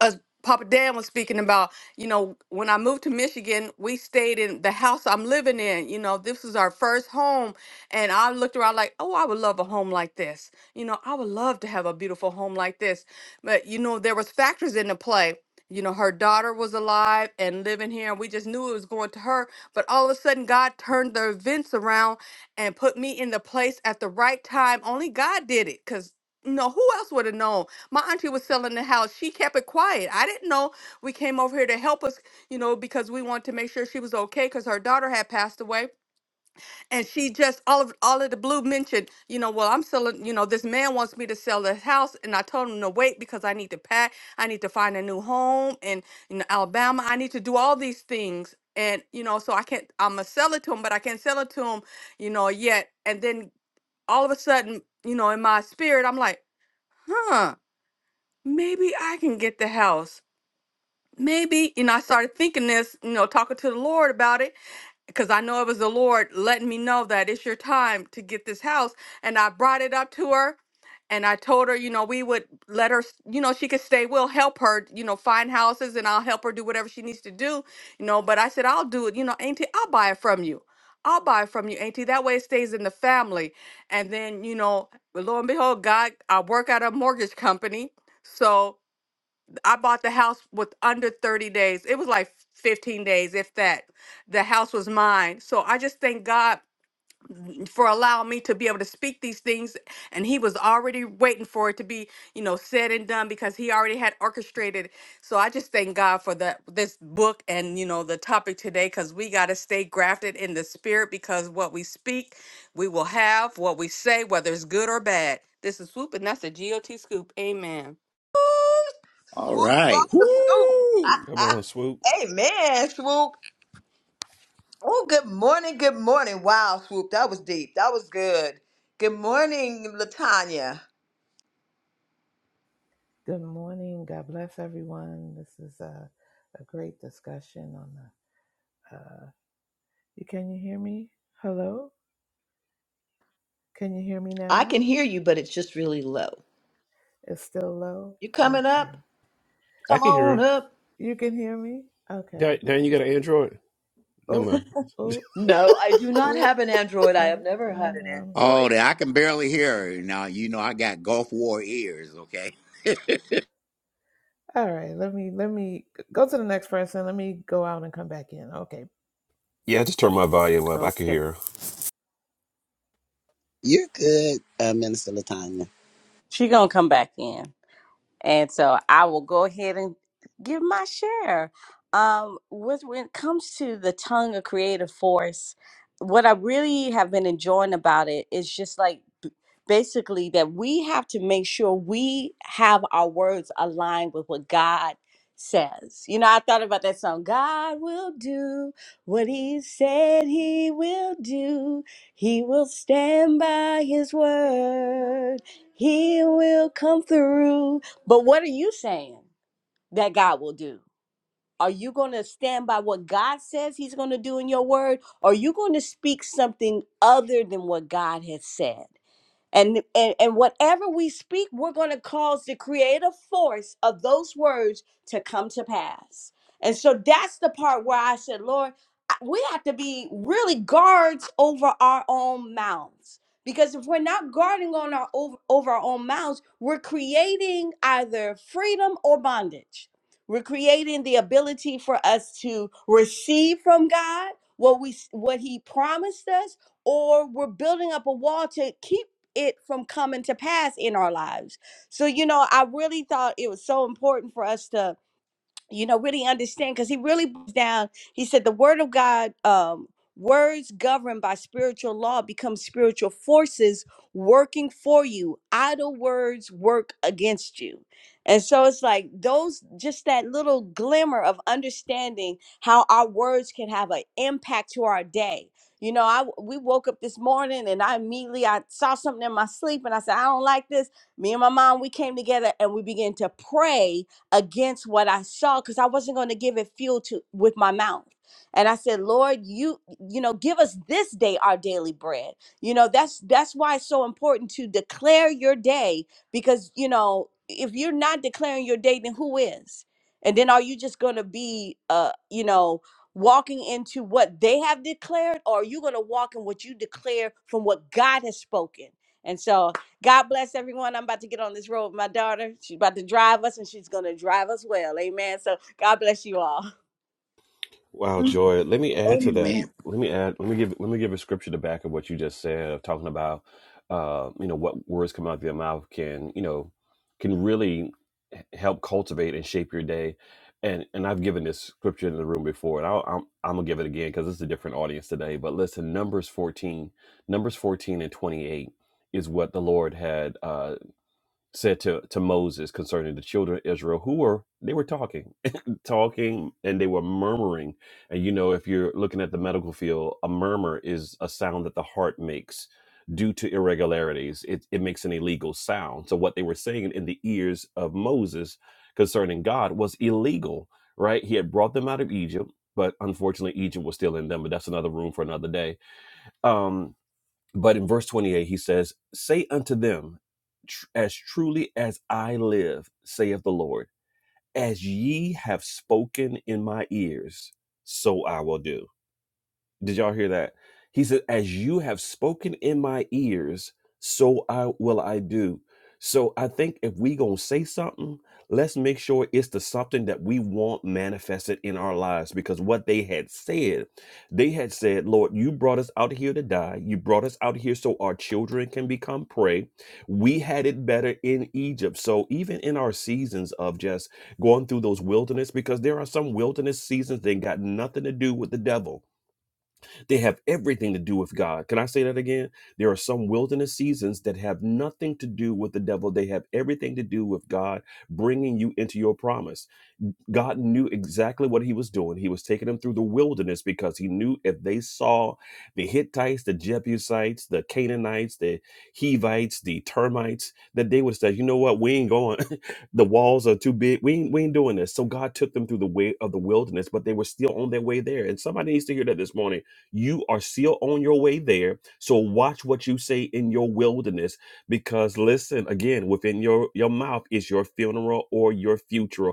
uh, Papa Dan was speaking about, you know, when I moved to Michigan, we stayed in the house I'm living in. You know, this is our first home. And I looked around like, oh, I would love a home like this. You know, I would love to have a beautiful home like this. But, you know, there was factors in the play. You know, her daughter was alive and living here, and we just knew it was going to her. But all of a sudden, God turned the events around and put me in the place at the right time. Only God did it because, you know, who else would have known? my auntie was selling the house. She kept it quiet. I didn't know. We came over here to help us, you know, because we wanted to make sure she was okay because her daughter had passed away. And she just all of all of the blue mentioned, you know, well, I'm selling, you know, this man wants me to sell this house. And I told him to wait because I need to pack. I need to find a new home in, in Alabama. I need to do all these things. And, you know, so I can't I'm gonna sell it to him, but I can't sell it to him, you know, yet. And then all of a sudden, you know, in my spirit, I'm like, huh maybe I can get the house. Maybe, you know, I started thinking this, you know, talking to the Lord about it, because I know it was the Lord letting me know that it's your time to get this house. And I brought it up to her and I told her, you know, we would let her, you know, she could stay. We'll help her, you know, find houses and I'll help her do whatever she needs to do, you know. But I said, I'll do it, you know, Auntie, I'll buy it from you. I'll buy it from you, Auntie. That way it stays in the family. And then, you know, lo and behold, God, I work at a mortgage company. So I bought the house with under 30 days. It was like 15 days, if that. The house was mine. So I just thank God for allowing me to be able to speak these things. And he was already waiting for it to be, you know, said and done because he already had orchestrated. it. So I just thank God for that this book and you know the topic today because we gotta stay grafted in the spirit because what we speak, we will have what we say, whether it's good or bad. This is swoop and that's a G O T scoop. Amen.
Ooh,
All
Swoop
right.
brought the scoop.
[SIGHS]
Woo.
come on, Swoop.
[LAUGHS] Amen, Swoop. Oh, good morning. Good morning. Wow, Swoop. That was deep. That was good. Good morning, Latanya.
Good morning. God bless everyone. This is a, a great discussion on the. Uh, you can you hear me? Hello. Can you hear me
I
now?
can hear you, but it's just really low.
It's still low.
You coming up?
Okay.
I
Come
can hear
on
her.
up.
You can hear me. Okay.
Dan, Dan, you got an Android? Never
Oh
mind.
oh
No, I do not
oh.
have an Android.
I
I have never had an
don't, um,
Oh,
Android.
that I can barely hear her. Now you know I got Gulf War ears, okay? [LAUGHS]
all right. Let me let me go to the next person. Let me go out and come back in. Okay.
Okay.
You're good, uh, Minister Latanya.
She gonna come back in. And so I will go ahead and give my share. Um, with, when it comes to the tongue of creative force, what I really have been enjoying about it is just like b- basically that we have to make sure we have our words aligned with what God says. You know, I thought about that song, God will do what he said he will do. He will stand by his word. He will come through. But what are you saying that God will do? Are you going to stand by what God says He's going to do in your word? Or are you going to speak something other than what God has said? And, and and whatever we speak, we're going to cause the creative force of those words to come to pass. And so that's the part where I said, Lord, I- we have to be really guards over our own mouths. Because if we're not guarding on our over, over our own mouths, we're creating either freedom or bondage. We're creating the ability for us to receive from God what we s- what he promised us or we're building up a wall to keep it from coming to pass in our lives. So, you know, I really thought it was so important for us to you know really understand because he really breaks down he said the word of god um words governed by spiritual law become spiritual forces working for you idle words work against you and so it's like those just that little glimmer of understanding how our words can have an impact to our day you know i we woke up this morning and i immediately i saw something in my sleep and i said i don't like this me and my mom we came together and we began to pray against what I saw because I wasn't going to give it fuel to with my mouth. And I said, Lord, you you know, give us this day our daily bread. You know, that's that's why it's so important to declare your day because you know if you're not declaring your day, then who is? And then are you just going to be uh you know walking into what they have declared or are you going to walk in what you declare from what God has spoken? And so God bless everyone. I'm about to get on this road with my daughter. She's about to drive us and she's going to drive us well. Amen. So God bless you all.
Wow, Joy. Let me add to
Amen.
that.
Amen.
Let me add. Let me give. Let me give a scripture to back of what you just said of talking about, uh, you know, what words come out of your mouth can, you know, can really h- help cultivate and shape your day. And and I've given this scripture in the room before, and I'll, I'm I'm gonna give it again because it's a different audience today. But listen, Numbers 14, Numbers 14 and 28 is what the Lord had. Uh, said to, to Moses concerning the children of Israel who were they were talking [LAUGHS] talking and they were murmuring and you know if you're looking at the medical field a murmur is a sound that the heart makes due to irregularities it, it makes an illegal sound so what they were saying in the ears of Moses concerning God was illegal right he had brought them out of Egypt but unfortunately Egypt was still in them but that's another room for another day um. But in verse 28, he says, Say unto them, "Tr- As truly as I live, saith the Lord, as ye have spoken in my ears, so I will do. Did y'all hear that? He said, As you have spoken in my ears, so I will I do. So I think if we gonna say something, let's make sure it's the something that we want manifested in our lives. Because what they had said, they had said, Lord, you brought us out here to die. You brought us out here so our children can become prey. We had it better in Egypt. So even in our seasons of just going through those wilderness, because there are some wilderness seasons that got nothing to do with the devil they have everything to do with God. Can I say that again? There are some wilderness seasons that have nothing to do with the devil. They have everything to do with God bringing you into your promise. God knew exactly what he was doing. He was taking them through the wilderness because he knew if they saw the Hittites, the Jebusites, the Canaanites, the Hivites, the termites, that they would say, you know what, we ain't going. [LAUGHS] the walls are too big. We ain't, we ain't doing this. So God took them through the way of the wilderness, but they were still on their way there. And somebody needs to hear that this morning you are still on your way there. So watch what you say in your wilderness because listen, again, within your, your mouth is your funeral or your future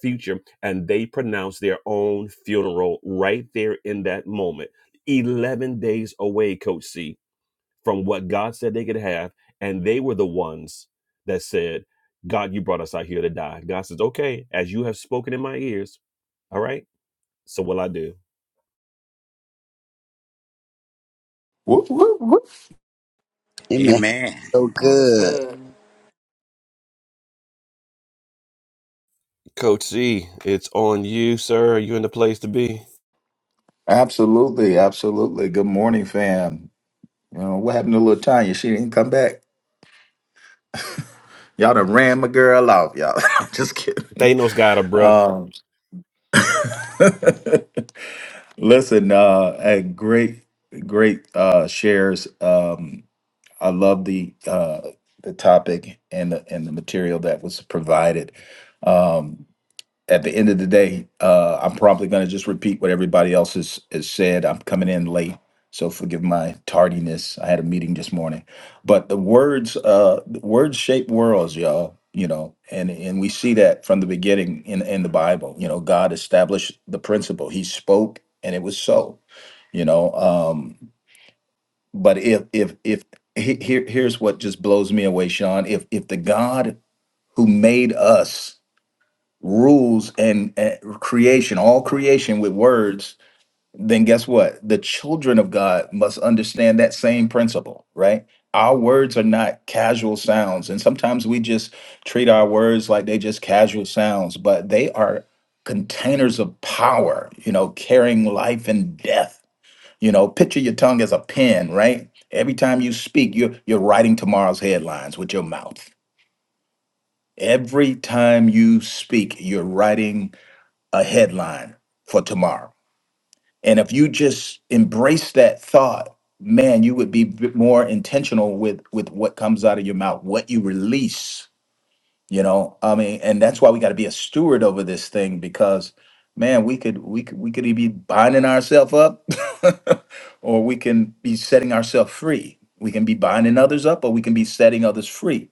future. And they pronounce their own funeral right there in that moment. 11 days away, Coach C, from what God said they could have. And they were the ones that said, God, you brought us out here to die. God says, okay, as you have spoken in my ears, all right, so will I do.
Whoop, whoop, whoop.
Amen. [LAUGHS]
Amen.
So
That was
good.
good.
Coach C, it's on you, sir. You in the place to be?
Absolutely, absolutely. Good morning, fam. You know, what happened to little Tanya? She didn't come back. Y'all done ran my girl off, y'all. [LAUGHS] I'm Just kidding.
Thanos got it, bruh.
Um, [LAUGHS] listen, uh, hey, great, great uh, shares. Um, I love the uh, the topic and the, and the material that was provided. Um, at the end of the day, uh, I'm probably going to just repeat what everybody else has, has said. I'm coming in late, so forgive my tardiness. I had a meeting this morning, but the words, uh, the words shape worlds, y'all. You know, and and we see that from the beginning in in the Bible. You know, God established the principle. He spoke, and it was so. You know, um, but if if if he- here here's what just blows me away, Sean. If if the God who made us rules and, and creation, all creation with words, then guess what? The children of God must understand that same principle, right? Our words are not casual sounds. And sometimes we just treat our words like they just casual sounds, but they are containers of power, you know, carrying life and death. You know, picture your tongue as a pen, right? Every time you speak, you're you're writing tomorrow's headlines with your mouth. Every time you speak, you're writing a headline for tomorrow. And if you just embrace that thought, man, you would be b- more intentional with with what comes out of your mouth, what you release you know i mean and that's why we got to be a steward over this thing because man we could we could we could either be binding ourselves up [LAUGHS] or we can be setting ourselves free we can be binding others up or we can be setting others free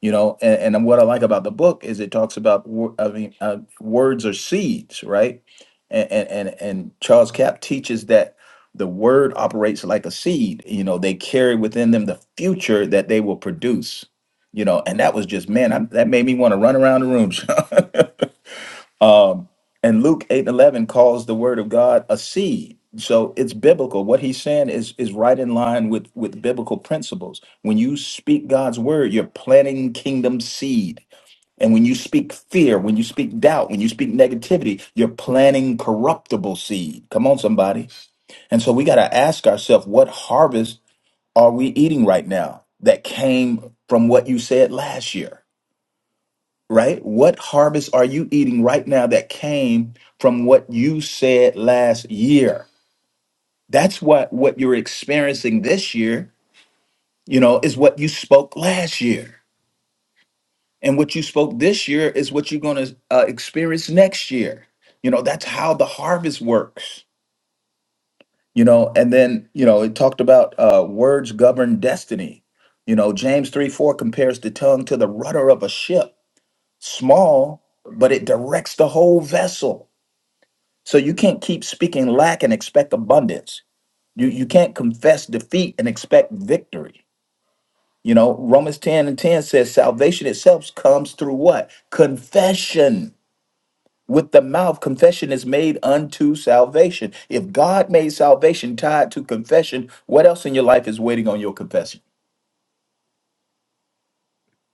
you know and, and what i like about the book is it talks about wo- i mean uh, words are seeds right and, and and and charles cap teaches that the word operates like a seed you know they carry within them the future that they will produce you know, and that was just man, I, that made me want to run around the room. [LAUGHS] Sean. um, and Luke eight and eleven calls the word of God a seed, so it's biblical. What he's saying is is right in line with with biblical principles. When you speak God's word, you're planting kingdom seed. And when you speak fear, when you speak doubt, when you speak negativity, you're planting corruptible seed. Come on, somebody. And so we got to ask ourselves, what harvest are we eating right now that came from what you said last year? right? What harvest are you eating right now that came from what you said last year? That's what what you're experiencing this year, you know, is what you spoke last year. And what you spoke this year is what you're going to uh, experience next year. You know, that's how the harvest works. You know, and then, you know, it talked about uh, words govern destiny. You know, James 3 4 compares the tongue to the rudder of a ship, small, but it directs the whole vessel So you can't keep speaking lack and expect abundance. You you can't confess defeat and expect victory. You know, Romans 10 and 10 says salvation itself comes through what? Confession. With the mouth, confession is made unto salvation. If God made salvation tied to confession, what else in your life is waiting on your confession?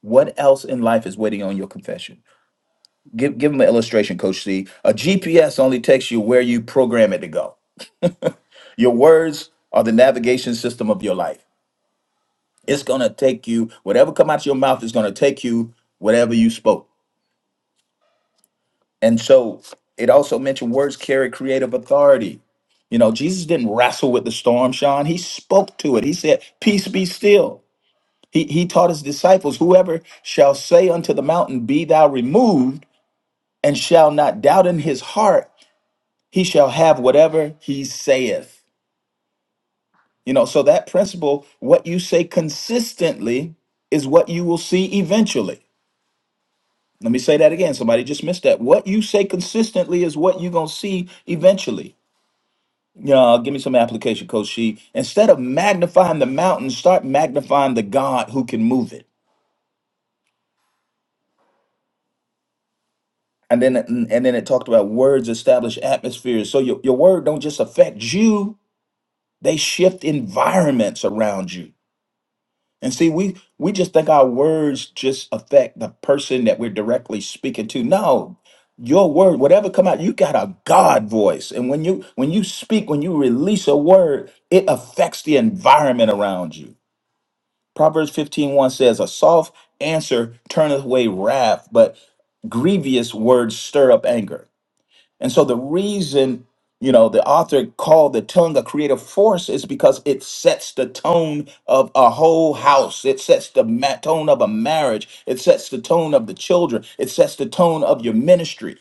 What else in life is waiting on your confession? Give give them an illustration, Coach C. A GPS only takes you where you program it to go. Your words are the navigation system of your life. It's gonna take you whatever come out your mouth is gonna take you whatever you spoke. And so it also mentioned words carry creative authority. You know, Jesus didn't wrestle with the storm, Sean. He spoke to it. He said, Peace be still. He he taught his disciples, Whoever shall say unto the mountain, Be thou removed, and shall not doubt in his heart, he shall have whatever he saith. You know, so that principle, what you say consistently is what you will see eventually. Let me say that again. Somebody just missed that. What you say consistently is what you're gonna see eventually. Yeah, give me some application, Coach She. Instead of magnifying the mountain, start magnifying the God who can move it. And then and then it talked about words establish atmospheres. So your, your word don't just affect you, they shift environments around you. And see, we we just think our words just affect the person that we're directly speaking to. No, your word, whatever come out, you got a God voice. And when you when you speak, when you release a word, it affects the environment around you. Proverbs fifteen one says, A soft answer turneth away wrath, but grievous words stir up anger. And so the reason, you know, the author called the tongue a creative force is because it sets the tone of a whole house. It sets the ma- tone of a marriage. It sets the tone of the children. It sets the tone of your ministry.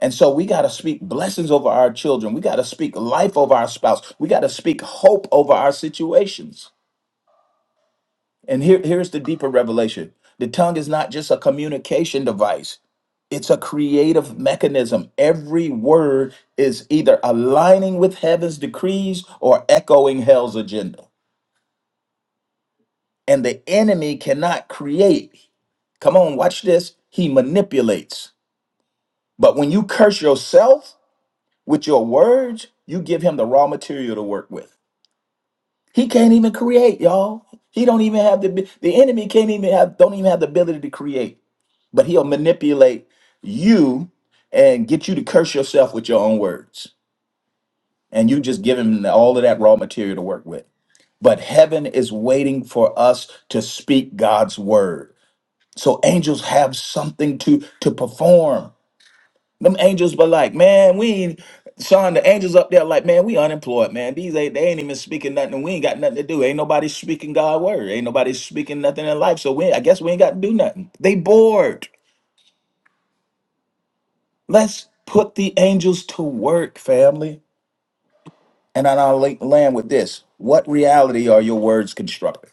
And so we got to speak blessings over our children. We got to speak life over our spouse. We got to speak hope over our situations. And here, here's the deeper revelation the tongue is not just a communication device, it's a creative mechanism. Every word is either aligning with heaven's decrees or echoing hell's agenda. And the enemy cannot create. Come on, watch this. He manipulates. But when you curse yourself with your words, you give him the raw material to work with. He can't even create, y'all. He don't even have the the enemy can't even have don't even have the ability to create. but he'll manipulate you and get you to curse yourself with your own words. And you just give him all of that raw material to work with. But heaven is waiting for us to speak God's word. So angels have something to to perform. Them angels but like, man, we ain't Sean, the angels up there like, man, we unemployed, man. These ain't they ain't even speaking nothing. And We ain't got nothing to do. Ain't nobody speaking God word. Ain't nobody speaking nothing in life. So we I guess we ain't got to do nothing. They bored. Let's put the angels to work, family. And then I'll la- land with this. What reality are your words constructing?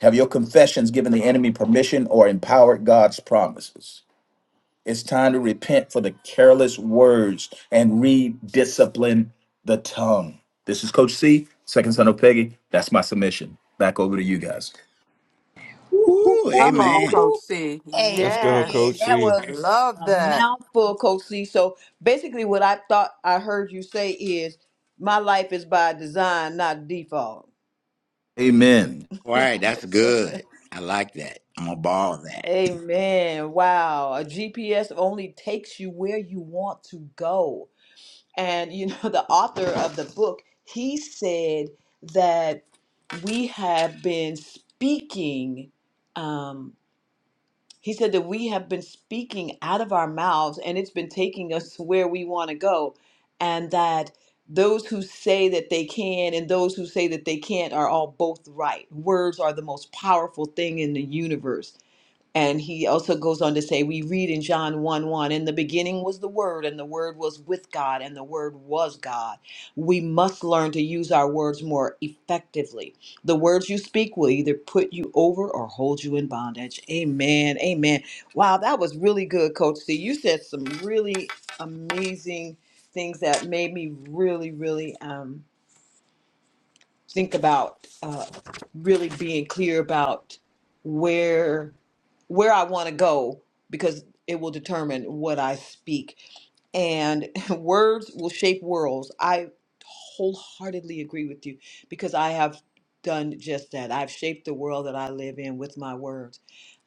Have your confessions given the enemy permission or empowered God's promises? It's time to repent for the careless words and rediscipline the tongue. This is Coach C, second son of Peggy. That's my submission. Back over to you guys.
Woo, woo,
Woo,
woo,
Come on,
amen.
Coach
woo.
C.
Let's go,
Amen.
Coach
Yes.
That
C.
was
Love
a
that.
mouthful. Full Coach C. So basically, what I thought I heard you say is my life is by design, not default.
Amen.
All right, that's good. I like that. I'm gonna borrow that.
Amen. Wow. A GPS only takes you where you want to go. And, you know, [LAUGHS] the author of the book, he said that we have been speaking, um, he said that we have been speaking out of our mouths and it's been taking us to where we want to go. And that those who say that they can and those who say that they can't are all both right. Words are the most powerful thing in the universe and he also goes on to say, we read in John 1 1, in the beginning was the Word, and the Word was with God, and the Word was God. We must learn to use our words more effectively. The words you speak will either put you over or hold you in bondage. Amen. Amen. Wow, that was really good, Coach C. You said some really amazing things that made me really, really. um think about uh, really being clear about where where I want to go because it will determine what I speak and [LAUGHS] words will shape worlds. I wholeheartedly agree with you because I have done just that. I've shaped the world that I live in with my words.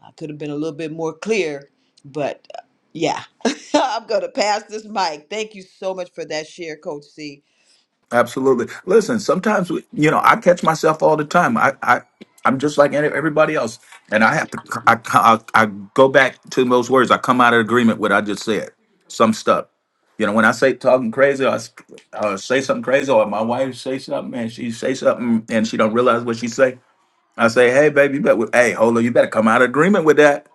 I could have been a little bit more clear, but uh, yeah. [LAUGHS] I'm going to pass this mic. Thank you so much for that share, coach C.
Absolutely. Listen, sometimes we, you know I catch myself all the time. I, I I'm just like any- everybody else, and I have to I, I I go back to those words. I come out of agreement with what I just said. Some stuff, you know, when I say talking crazy, or, I s- or say something crazy, or my wife say something and she say something and she don't realize what she say. I say, hey baby, you better hey hold on, you better come out of agreement with that.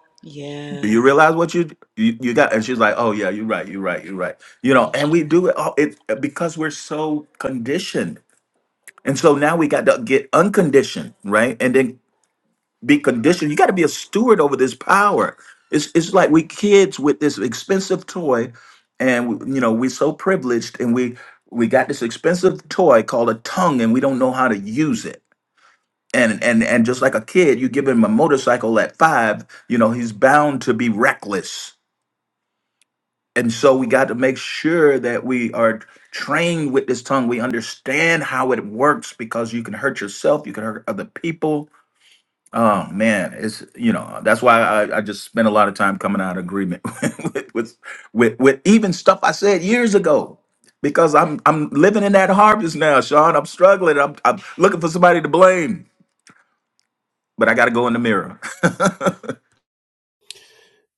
Do you
Yeah.
realize what you, you you got? And she's like, oh yeah, you're right, you're right, you're right. You know, and we do it all it because we're so conditioned and so now we got to get unconditioned, right? And then be conditioned. You got to be a steward over this power. It's it's like we kids with this expensive toy, and you know we so privileged, and we we got this expensive toy called a tongue, and we don't know how to use it. And and and just like a kid, you give him a motorcycle at five, you know he's bound to be reckless and so we got to make sure that we are trained with this tongue. We understand how it works because you can hurt yourself, you can hurt other people. Oh man, it's you know that's why I, I just spent a lot of time coming out of agreement [LAUGHS] with, with with with even stuff I said years ago because I'm I'm living in that harvest now, Sean. I'm struggling. I'm I'm looking for somebody to blame, but I got to go in the mirror.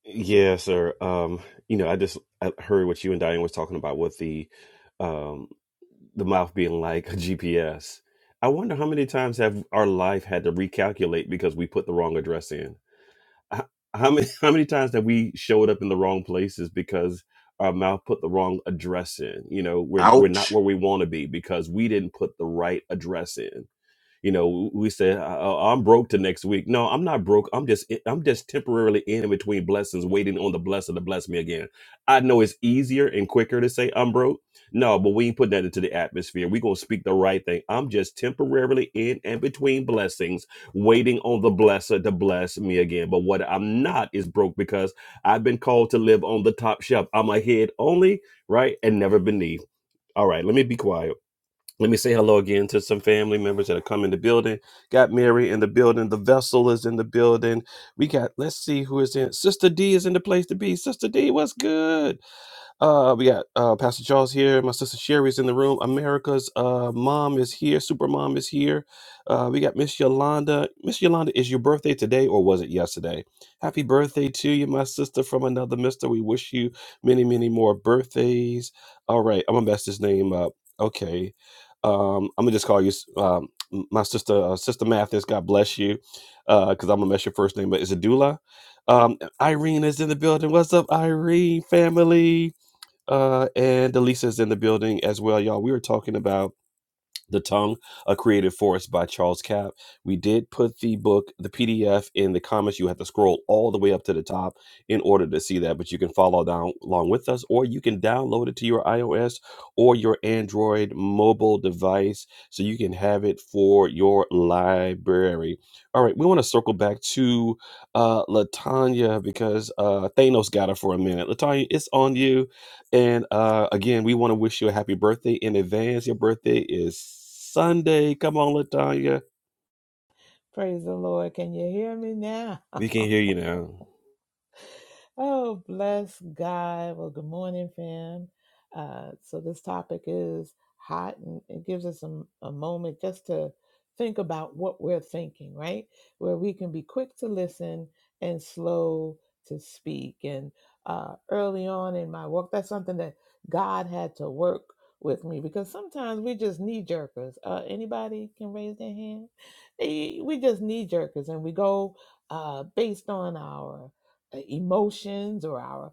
Yeah, sir. Um, you know, I just I heard what you and Diane was talking about with the um the mouth being like [LAUGHS] a GPS. I wonder how many times have our life had to recalculate because we put the wrong address in. H- How many [LAUGHS] how many times have we showed up in the wrong places because our mouth put the wrong address in? You know,
[LAUGHS]
we're we're not
Ouch.
where we want to be because we didn't put the right address in You know, we say "I- I'm broke to next week. No, I'm not broke. I'm just eh, I'm just temporarily in and between blessings, waiting on the blessing to bless me again. I know it's easier and quicker to say I'm broke. No, but we ain't putting that into the atmosphere. we gonna speak the right thing. I'm just temporarily in and between blessings, waiting on the blesser to bless me again. But what I'm not is broke because I've been called to live on the top shelf. I'm ahead only, right? And never beneath. All right, let me be quiet. Let me say hello again to some family members that have come in the building. Got Mary in the building. The vessel is in the building. We got, let's see who is in. Sister D is in the place to be. Sister D, what's good? Uh, we got uh, Pastor Charles here. My sister Sherry's in the room. America's uh, mom is here. Super mom is here. Uh, we got Miss Yolanda. Miss Yolanda, is your birthday today or was it yesterday? Happy birthday to you, my sister from another mister. We wish you many, many more birthdays. All right, I'm gonna mess this name up. Okay, um, I'm gonna just call you um, my sister, uh, sister Mathis. God bless you, because I'm gonna mess your first name. But is it Dula? Um, Irene is in the building. What's up, Irene family? Uh, and Elisa's in the building as well, y'all. We were talking about The Tongue, A Creative Force by Charles Capp. We did put the book, the PDF, in the comments. You have to scroll all the way up to the top in order to see that, but you can follow down along with us, or you can download it to your iOS or your Android mobile device so you can have it for your library. All right, we want to circle back to uh, Latanya because uh, Thanos got her for a minute. Latanya, it's on you and uh, again, we want to wish you a happy birthday in advance. Your birthday is Sunday. Come on, Latanya.
Praise the Lord. Can you hear me now?
We
[LAUGHS]
can hear you now.
oh, bless God. Well, good morning, fam. Uh, so this topic is hot, and it gives us a, a moment just to think about what we're thinking, right? Where we can be quick to listen and slow to speak. And uh, early on in my walk, that's something that God had to work with me because sometimes we just knee jerkers. Uh, anybody can raise their hand. Eh, We just knee jerkers, and we go uh, based on our uh, emotions or our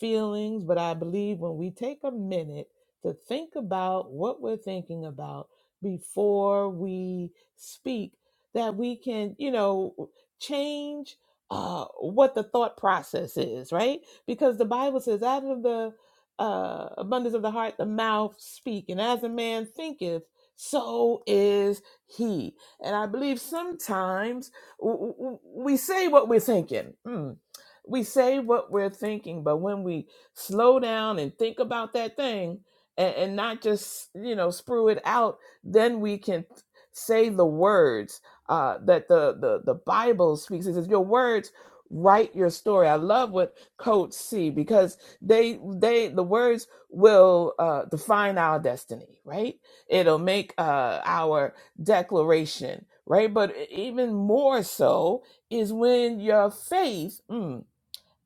feelings, but I believe when we take a minute to think about what we're thinking about before we speak, that we can, you know, change uh, what the thought process is, right? Because the Bible says, out of the uh, abundance of the heart, the mouth speak, and as a man thinketh, so is he. And I believe sometimes w- w- we say what we're thinking. Hmm, we say what we're thinking, but when we slow down and think about that thing and, and not just, you know, sprue it out, then we can say the words uh, that the, the, the Bible speaks. It says, Your words write your story. I love what Coach C because they they the words will uh, define our destiny, right? It'll make uh, our declaration, right? But e, even more so is when your faith. mm,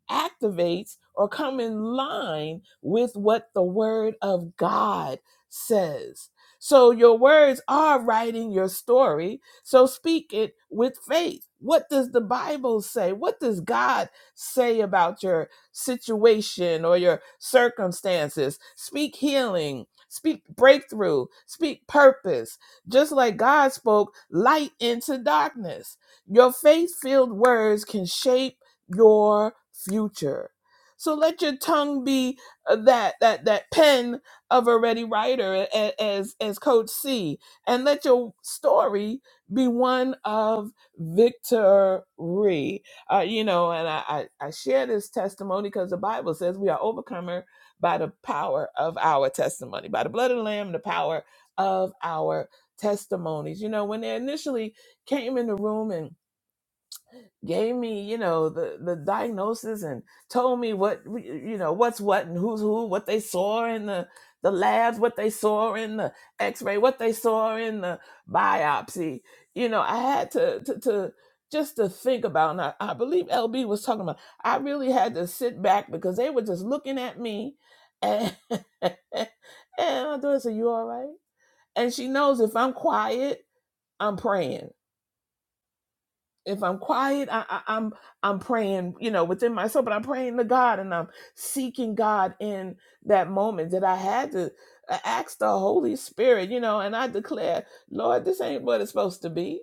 activates or come in line with what the word of God says. So your words are writing your story. So speak it with faith. What does the Bible say? What does God say about your situation or your circumstances? Speak healing, speak breakthrough, speak purpose. Just like God spoke light into darkness. Your faith filled words can shape your future. So let your tongue be uh, that that that pen of a ready writer, as as Coach C, and let your story be one of victory. Uh, you know, and I I, I share this testimony because the Bible says we are overcomer by the power of our testimony, by the blood of the Lamb, and the power of our testimonies. You know, when they initially came in the room and gave me you know the the diagnosis and told me what you know what's what and who's who what they saw in the the labs what they saw in the x-ray what they saw in the biopsy you know i had to to, to just to think about and I, I believe lb was talking about i really had to sit back because they were just looking at me and [LAUGHS] and my daughter said you all right and she knows if i'm quiet i'm praying if I'm quiet, I, I, I'm I'm praying, you know, within myself, but I'm praying to God and I'm seeking God in that moment that I had to uh, ask the Holy Spirit, you know, and I declare, Lord, this ain't what it's supposed to be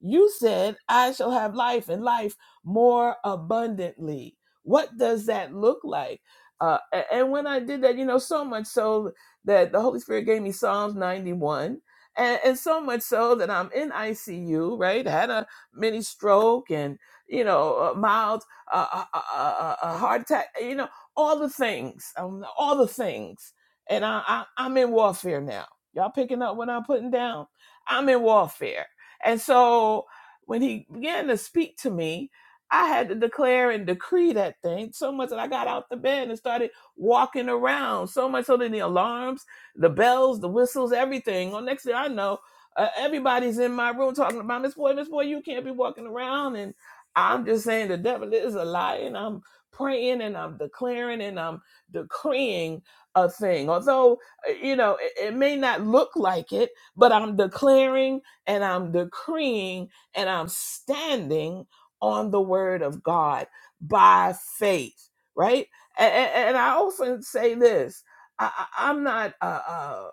you said, I shall have life and life more abundantly. What does that look like? Uh, a- and when I did that, you know, so much so that the Holy Spirit gave me Psalms 91, and, and so much so that I'm in ICU, right? Had a mini stroke and, you know, a mild uh, a, a, a heart attack, you know, all the things, um, all the things. And I, I, I'm in warfare now. Y'all picking up what I'm putting down? I'm in warfare. And so when he began to speak to me, I had to declare and decree that thing so much that I got out the bed and started walking around so much so that the alarms, the bells, the whistles, everything. Well, next thing I know, uh, everybody's in my room talking about Miss Boy, Miss Boy, you can't be walking around. And I'm just saying the devil is a lie. And I'm praying and I'm declaring and I'm decreeing a thing. Although, uh, you know, it, it may not look like it, but I'm declaring and I'm decreeing and I'm standing on the word of God by faith, right? And, and I often say this I, I- I'm not uh, uh,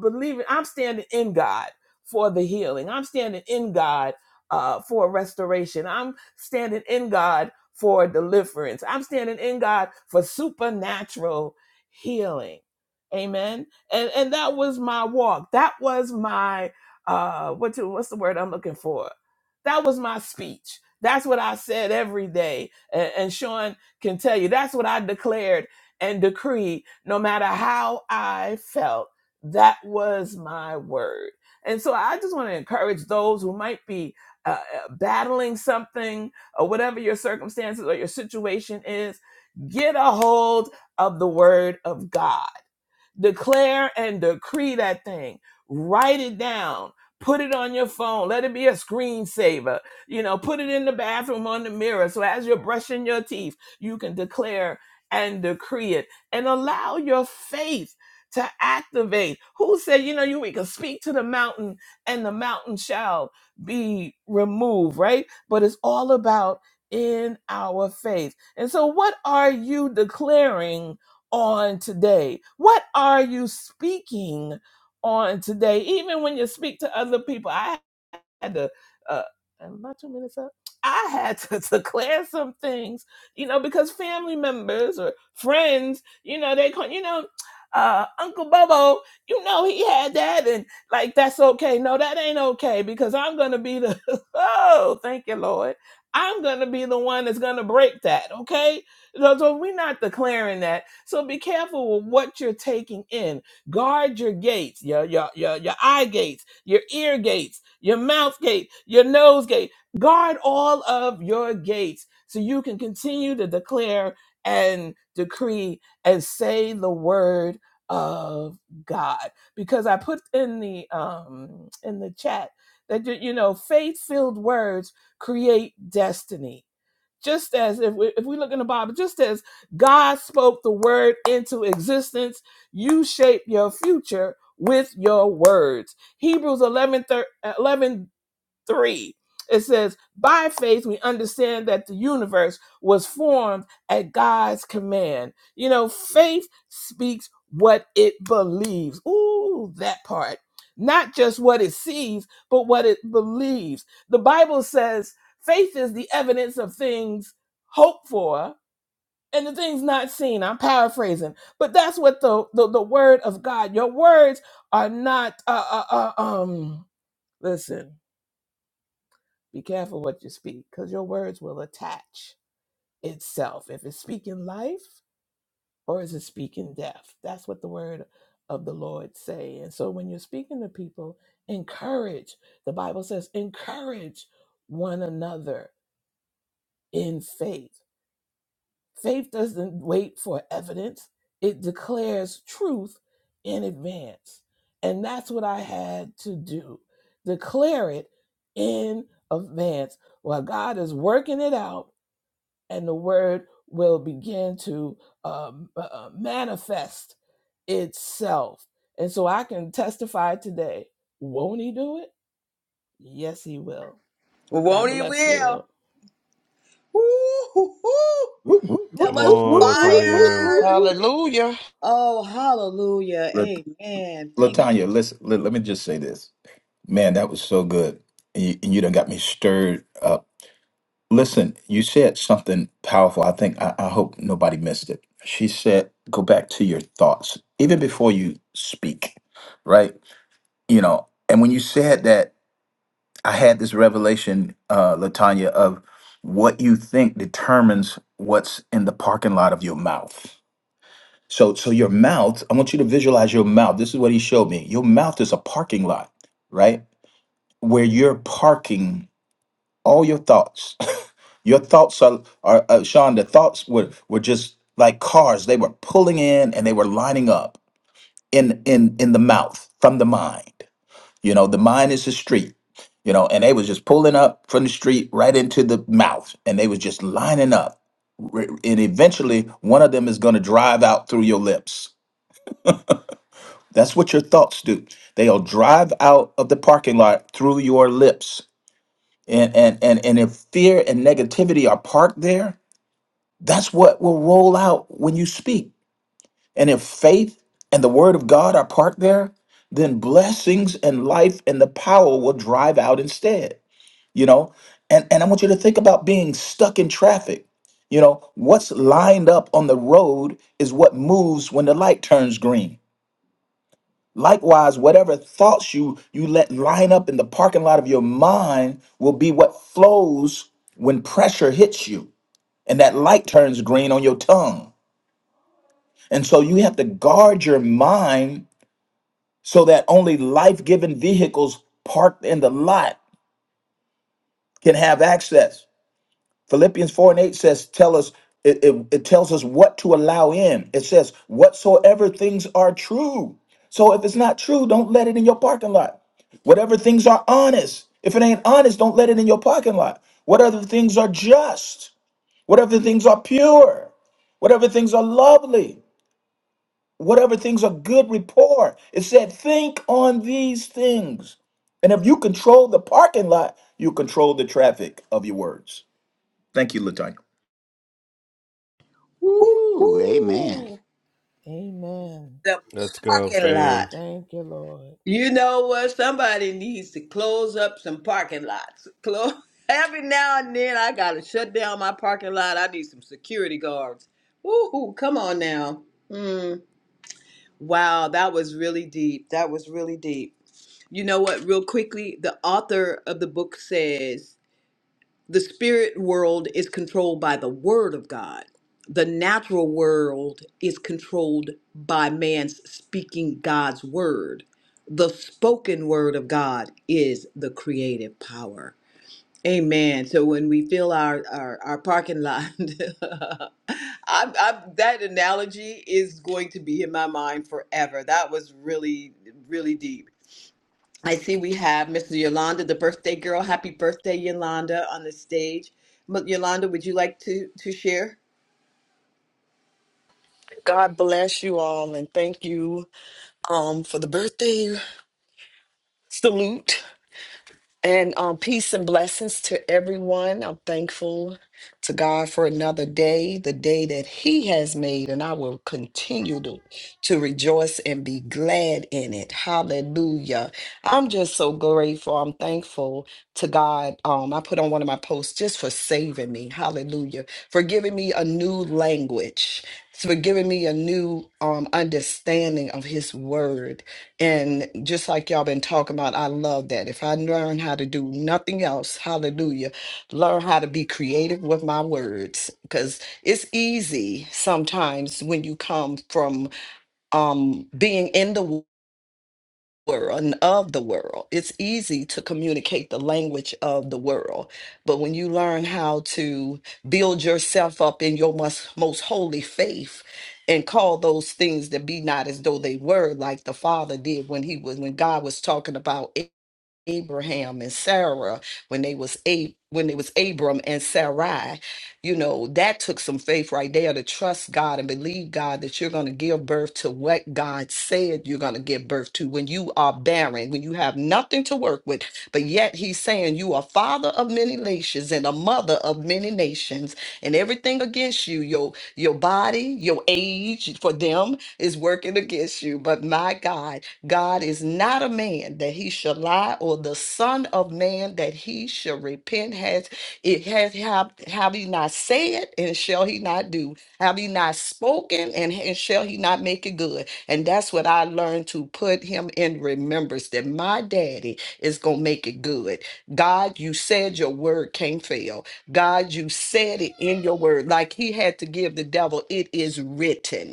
believing, I'm standing in God for the healing, I'm standing in God uh, for restoration, I'm standing in God for deliverance, I'm standing in God for supernatural healing. Amen. And and that was my walk. That was my uh what to, what's the word I'm looking for? That was my speech. That's what I said every day. And, and Sean can tell you that's what I declared and decreed no matter how I felt. That was my word. And so I just want to encourage those who might be uh, uh, battling something or whatever your circumstances or your situation is, get a hold of the word of God Declare and decree that thing. Write it down. Put it on your phone. Let it be a screensaver. You know, put it in the bathroom on the mirror. So as you're brushing your teeth, you can declare and decree it and allow your faith to activate. Who said, you know, you we can speak to the mountain and the mountain shall be removed, right? But it's all about in our faith. And so, what are you declaring? on today? What are you speaking on today? Even when you speak to other people, I had to uh am I two minutes up? I had to [LAUGHS] declare some things, you know, because family members or friends, you know, they call you know, uh Uncle Bobo, you know he had that and like that's okay. No, that ain't okay because I'm gonna be the [LAUGHS] oh, thank you, Lord. I'm gonna be the one that's gonna break that, okay? So, so we're not declaring that. So be careful with what you're taking in Guard your gates, your, your, your, your eye gates, your ear gates, your mouth gate, your nose gate. Guard all of your gates so you can continue to declare and decree and say the word of God. Because I put in the um in the chat that you you know faith-filled words create destiny just as if we, if we look in the Bible, just as God spoke the word into existence, you shape your future with your words. Hebrews 11, thir- eleven 3. It says, By faith, we understand that the universe was formed at God's command. You know, faith speaks what it believes. Ooh, that part. Not just what it sees, but what it believes. The Bible says faith is the evidence of things hoped for and the things not seen. I'm paraphrasing, but that's what the, the, the word of God, your words are not, uh, uh, uh, um, listen. Be careful what you speak, because your words will attach itself. If it's speaking life or is it speaking death? That's what the word of the Lord say. And so when you're speaking to people, encourage. The Bible says, encourage one another in faith. Faith doesn't wait for evidence, it declares truth in advance. And that's what I had to do. Declare it in advance. While God is working it out and the word will begin to um, uh, uh, manifest itself. And so I can testify today. Won't he do it? Yes, he will.
Well,
God
Won't he
bless you.
will? Woo-hoo-hoo.
Woo, woo, woo,
That
Come
was
woo,
on,
woo, woo, woo,
Latanya.
woo,
fire.
woo.
Hallelujah.
Oh, hallelujah.
Lat-
Amen. Thank
Latanya, listen. Let, let me just say this. Man, that was so good. And you, and you done got me stirred up. Listen, you said something powerful. I think, I, I hope nobody missed it. She said, go back to your thoughts, even before you speak, right? You know, and when you said that, I had this revelation, uh, Latanya, of what you think determines what's in the parking lot of your mouth. So, so your mouth, I want you to visualize your mouth. This is what he showed me. Your mouth is a parking lot, right? Where you're parking all your thoughts. [LAUGHS] your thoughts are, are uh, Sean. The thoughts were were just like cars. They were pulling in and they were lining up in in in the mouth from the mind. You know, the mind is the street. You know, and they was just pulling up from the street right into the mouth, and they was just lining up. Re- And eventually, one of them is going to drive out through your lips. That's what your thoughts do. They'll drive out of the parking lot through your lips. And and and and if fear and negativity are parked there, That's what will roll out when you speak. And if faith and the word of God are part there, then blessings and life and the power will drive out instead, you know? And and I want you to think about being stuck in traffic. You know, what's lined up on the road is what moves when the light turns green. Likewise, whatever thoughts you you let line up in the parking lot of your mind will be what flows when pressure hits you and that light turns green on your tongue And so you have to guard your mind so that only life giving vehicles parked in the lot can have access. Philippians 4 and 8 says, Tell us, it, it, it tells us what to allow in. It says, Whatsoever things are true. So if it's not true, don't let it in your parking lot. Whatever things are honest, if it ain't honest, don't let it in your parking lot. Whatever things are just, whatever things are pure, whatever things are lovely. whatever things are good rapport. It said, think on these things. And if you control the parking lot, you control the traffic of your words. Thank you, Latonya.
you.
Woo, amen.
Woo-hoo.
Amen.
The
Let's go,
parking
fam.
lot.
Thank you, Lord.
You know what? Somebody needs to close up some parking lots. Close. [LAUGHS] Every now and then, I gotta shut down my parking lot. I need some security guards. Woo-hoo. Come on now. Hmm. Wow, that was really deep. That was really deep. You know what, real quickly, the author of the book says the spirit world is controlled by the word of God. The natural world is controlled by man's speaking God's word. The spoken word of God is the creative power. Amen. So when we fill our our, our parking lot, [LAUGHS] I'm, I'm, that analogy is going to be in my mind forever. That was really really deep. I see we have Mr. Yolanda, the birthday girl. Happy birthday, Yolanda, on the stage. M- Yolanda, would you like to to share?
God bless you all and thank you um for the birthday salute. And um, peace and blessings to everyone. I'm thankful to God for another day, the day that He has made, and I will continue to, to rejoice and be glad in it. Hallelujah. I'm just so grateful. I'm thankful to God. Um, I put on one of my posts just for saving me. Hallelujah. For giving me a new language, for giving me a new um, understanding of His Word and just like y'all been talking about, I love that. If I learn how to do nothing else, hallelujah, learn how to be creative with my words because it's easy sometimes when you come from um, being in the world and of the world. It's easy to communicate the language of the world, but when you learn how to build yourself up in your most, most holy faith and call those things that be not as though they were, like the Father did when he was when God was talking about. Abraham and Sarah when they was a when it was Abram and Sarai, you know, that took some faith right there to trust God and believe God that you're going to give birth to what God said you're going to give birth to when you are barren, when you have nothing to work with. But yet he's saying you are father of many nations and a mother of many nations and everything against you, your your body, your age for them is working against you. But my God, God is not a man that he shall lie, or the son of man that he shall repent. Has it has have, have he not said, and shall he not do? Have he not spoken, and, and shall he not make it good? And that's what I learned to put him in remembrance that my daddy is gonna make it good. God, you said your word can't fail. God, you said it in your word, like he had to give the devil, it is written.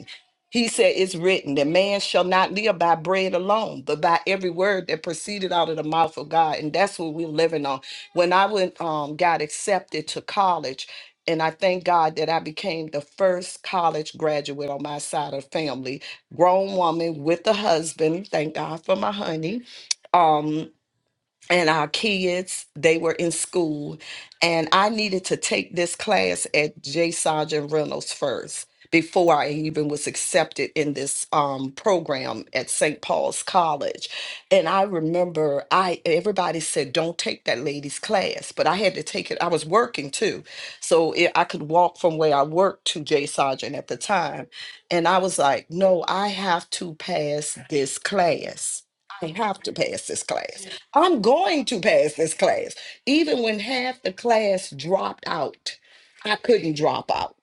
He said, It's written that man shall not live by bread alone, but by every word that proceeded out of the mouth of God. And that's what we're living on. When I went, um, got accepted to college, and I thank God that I became the first college graduate on my side of the family, grown woman with a husband. Thank God for my honey. Um, and our kids they were in school and i needed to take this class at j sergeant reynolds first before i even was accepted in this um, program at st paul's college and i remember i everybody said don't take that lady's class but i had to take it i was working too so it, i could walk from where i worked to j sergeant at the time and I was like, no, I have to pass this class. I have to pass this class. I'm going to pass this class. Even when half the class dropped out, I couldn't drop out.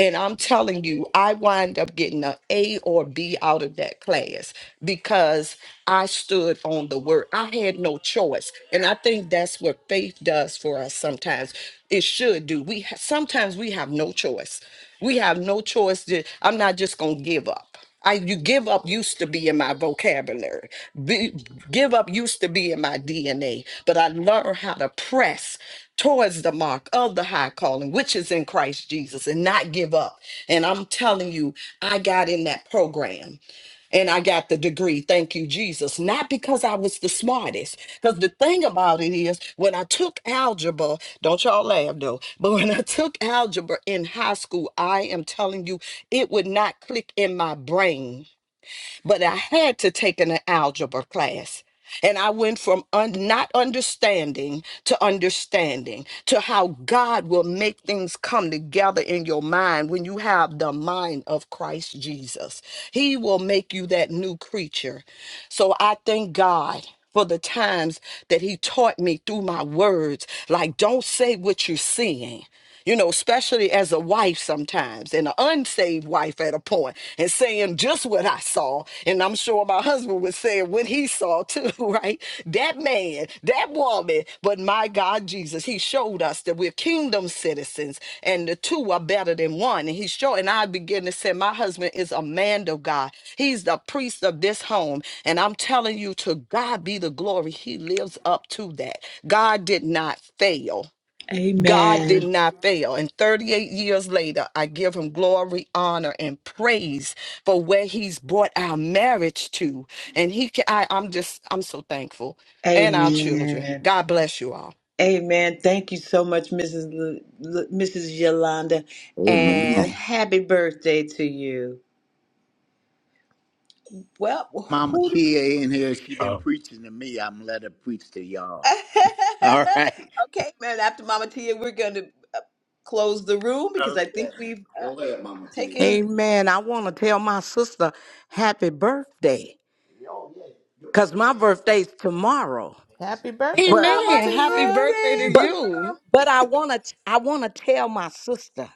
And I'm telling you, I wind up getting an a A or B out of that class because I stood on the word. I had no choice. And I think that's what faith does for us sometimes. It should do. We ha- sometimes we have no choice. We have no choice. To, I'm not just going to give up. I you give up used to be in my vocabulary. Be, give up used to be in my DNA, but I learned how to press towards the mark of the high calling, which is in Christ Jesus, and not give up. And I'm telling you, I got in that program and I got the degree. Thank you, Jesus. Not because I was the smartest. Because the thing about it is, when I took algebra, don't y'all laugh though, [LAUGHS] but when I took algebra in high school, I am telling you, it would not click in my brain but I had to take an algebra class. And I went from un- not understanding to understanding to how God will make things come together in your mind when you have the mind of Christ Jesus. He will make you that new creature. So I thank God for the times that He taught me through my words. Like, don't say what you're seeing you know, especially as a wife sometimes, and an unsaved wife at a point, and saying just what I saw. And I'm sure my husband was saying what he saw too, [LAUGHS] right? That man, that woman, but my God, Jesus, he showed us that we're kingdom citizens and the two are better than one. And he showed, and I begin to say, my husband is a man of God. He's the priest of this home. And I'm telling you, to God be the glory. He lives up to that. God did not fail. God did
Amen.
not fail. And 38 years later, I give him glory, honor, and praise for where he's brought our marriage to. And he can, I, I'm just, I'm so thankful. And our children.
Amen.
God bless you all.
Amen. Thank you so much, Mrs. L- L- Mrs. Yolanda, and
Amen.
happy birthday to you. Well,
Mama
who do we?
Tia in here, she been
Oh,
preaching to me. I'm let her preach to
[LAUGHS]
y'all. [LAUGHS] All right.
okay, man. After Mama Tia, we're going to uh, close the room because I
Okay.
think we've uh,
Go ahead, Mama Tia.
taken.
Amen. I want to tell my sister happy birthday cuz my birthday's tomorrow.
Happy birthday,
But
Mama
Oh,
Amen. Happy
Tia.
birthday to
happy birthday
but
you.
tomorrow.
but I want to I want to tell my sister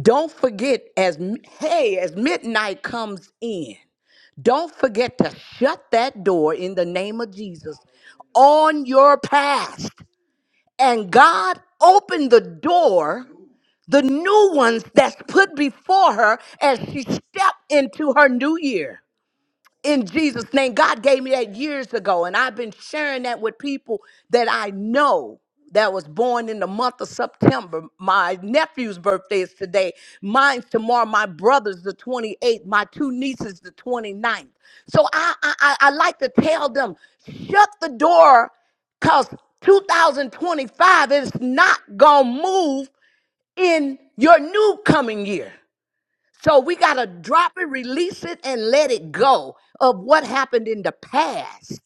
don't forget as m- hey as midnight comes in Don't forget to shut that door in the name of Jesus on your past. And God opened the door, the new ones that's put before her as she stepped into her new year in Jesus' name. God gave me that years ago, and I've been sharing that with people that I know that was born in the month of September. My nephew's birthday is today, mine's tomorrow, my brother's the 28th, my two nieces the 29th. So I, I, I I like to tell them, shut the door, because 2025 is not going to move in your new coming year. So we got to drop it, release it, and let it go of what happened in the past.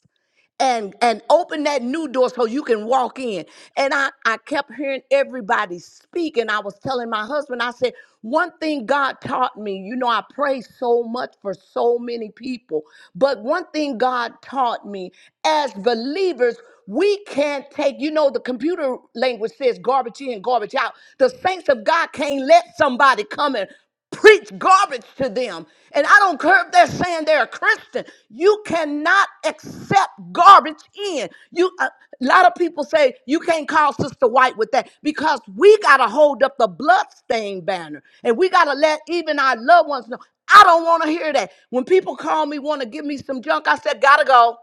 And, and open that new door so you can walk in. And I, I kept hearing everybody speak. And I was telling my husband, I said, one thing God taught me, you know, I pray so much for so many people. But one thing God taught me as believers, we can't take, you know, the computer language says garbage in, garbage out. The saints of God can't let somebody come in preach garbage to them. And I don't care if they're saying they're a Christian. You cannot accept garbage in. You uh, a lot of people say you can't call Sister White with that because we gotta hold up the bloodstained banner and we gotta let even our loved ones know. I don't want to hear that. When people call me, want to give me some junk, I said, gotta go.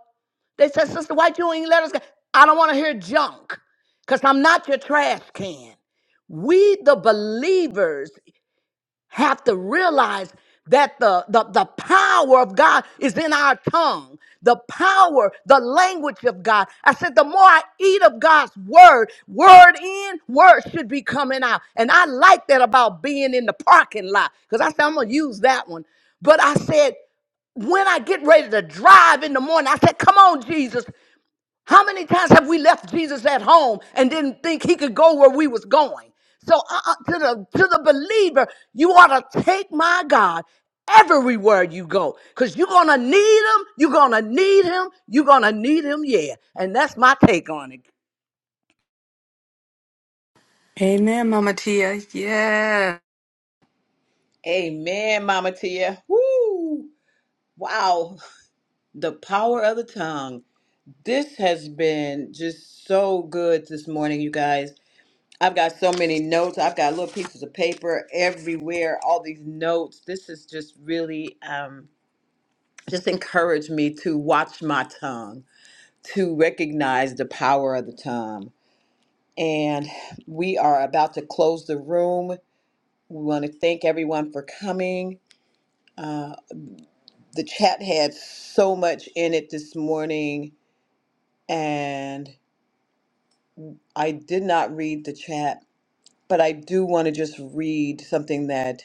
They said, Sister White, you ain't let us go. I don't want to hear junk because I'm not your trash can. We, the believers have to realize that the, the, the power of God is in our tongue, the power, the language of God. I said, the more I eat of God's word, word in, word should be coming out. And I like that about being in the parking lot because I said, I'm going to use that one. But I said, when I get ready to drive in the morning, I said, Come on, Jesus. How many times have we left Jesus at home and didn't think he could go where we was going? So uh, uh, to the to the believer, you ought to take my God everywhere you go because you're gonna need him. You're gonna need him. You're gonna need him. Yeah, and that's my take on it.
Amen, Mama Tia. Yes.
Amen, Mama Tia. Woo! Wow, the power of the tongue. This has been just so good this morning, you guys. I've got so many notes. I've got little pieces of paper everywhere, all these notes. This has just really um, just encouraged me to watch my tongue to recognize the power of the tongue. And we are about to close the room. We want to thank everyone for coming. Uh, the chat had so much in it this morning, and I did not read the chat, but I do want to just read something that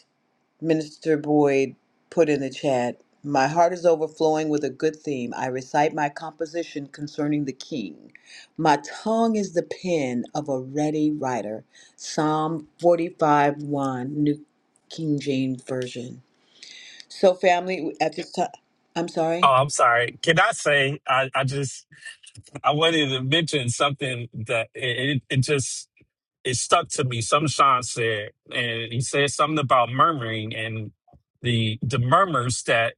Minister Boyd put in the chat, My heart is overflowing with a good theme. I recite my composition concerning the king. My tongue is the pen of a ready writer. Psalm 45 1, New King James Version. So, family, at this time, I'm
oh,
sorry.
I'm sorry. Can I say I, I just I wanted to mention something that it, it it just it stuck to me. Something Sean said, and he said something about murmuring and the the murmurs that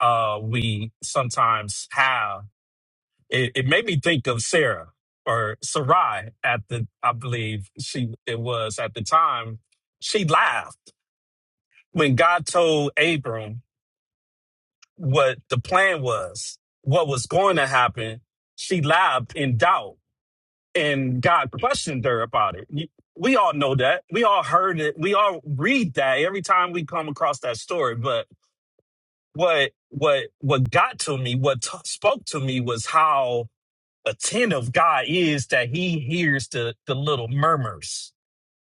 uh we sometimes have. It, it made me think of Sarah or Sarai at the I believe she it was at the time. She laughed when God told Abram what the plan was, what was going to happen. She lied in doubt, and God questioned her about it. You- We all know that. We all heard it. We all read that every time we come across that story. But what what what got to me, what t- spoke to me, was how attentive God is that He hears the the little murmurs,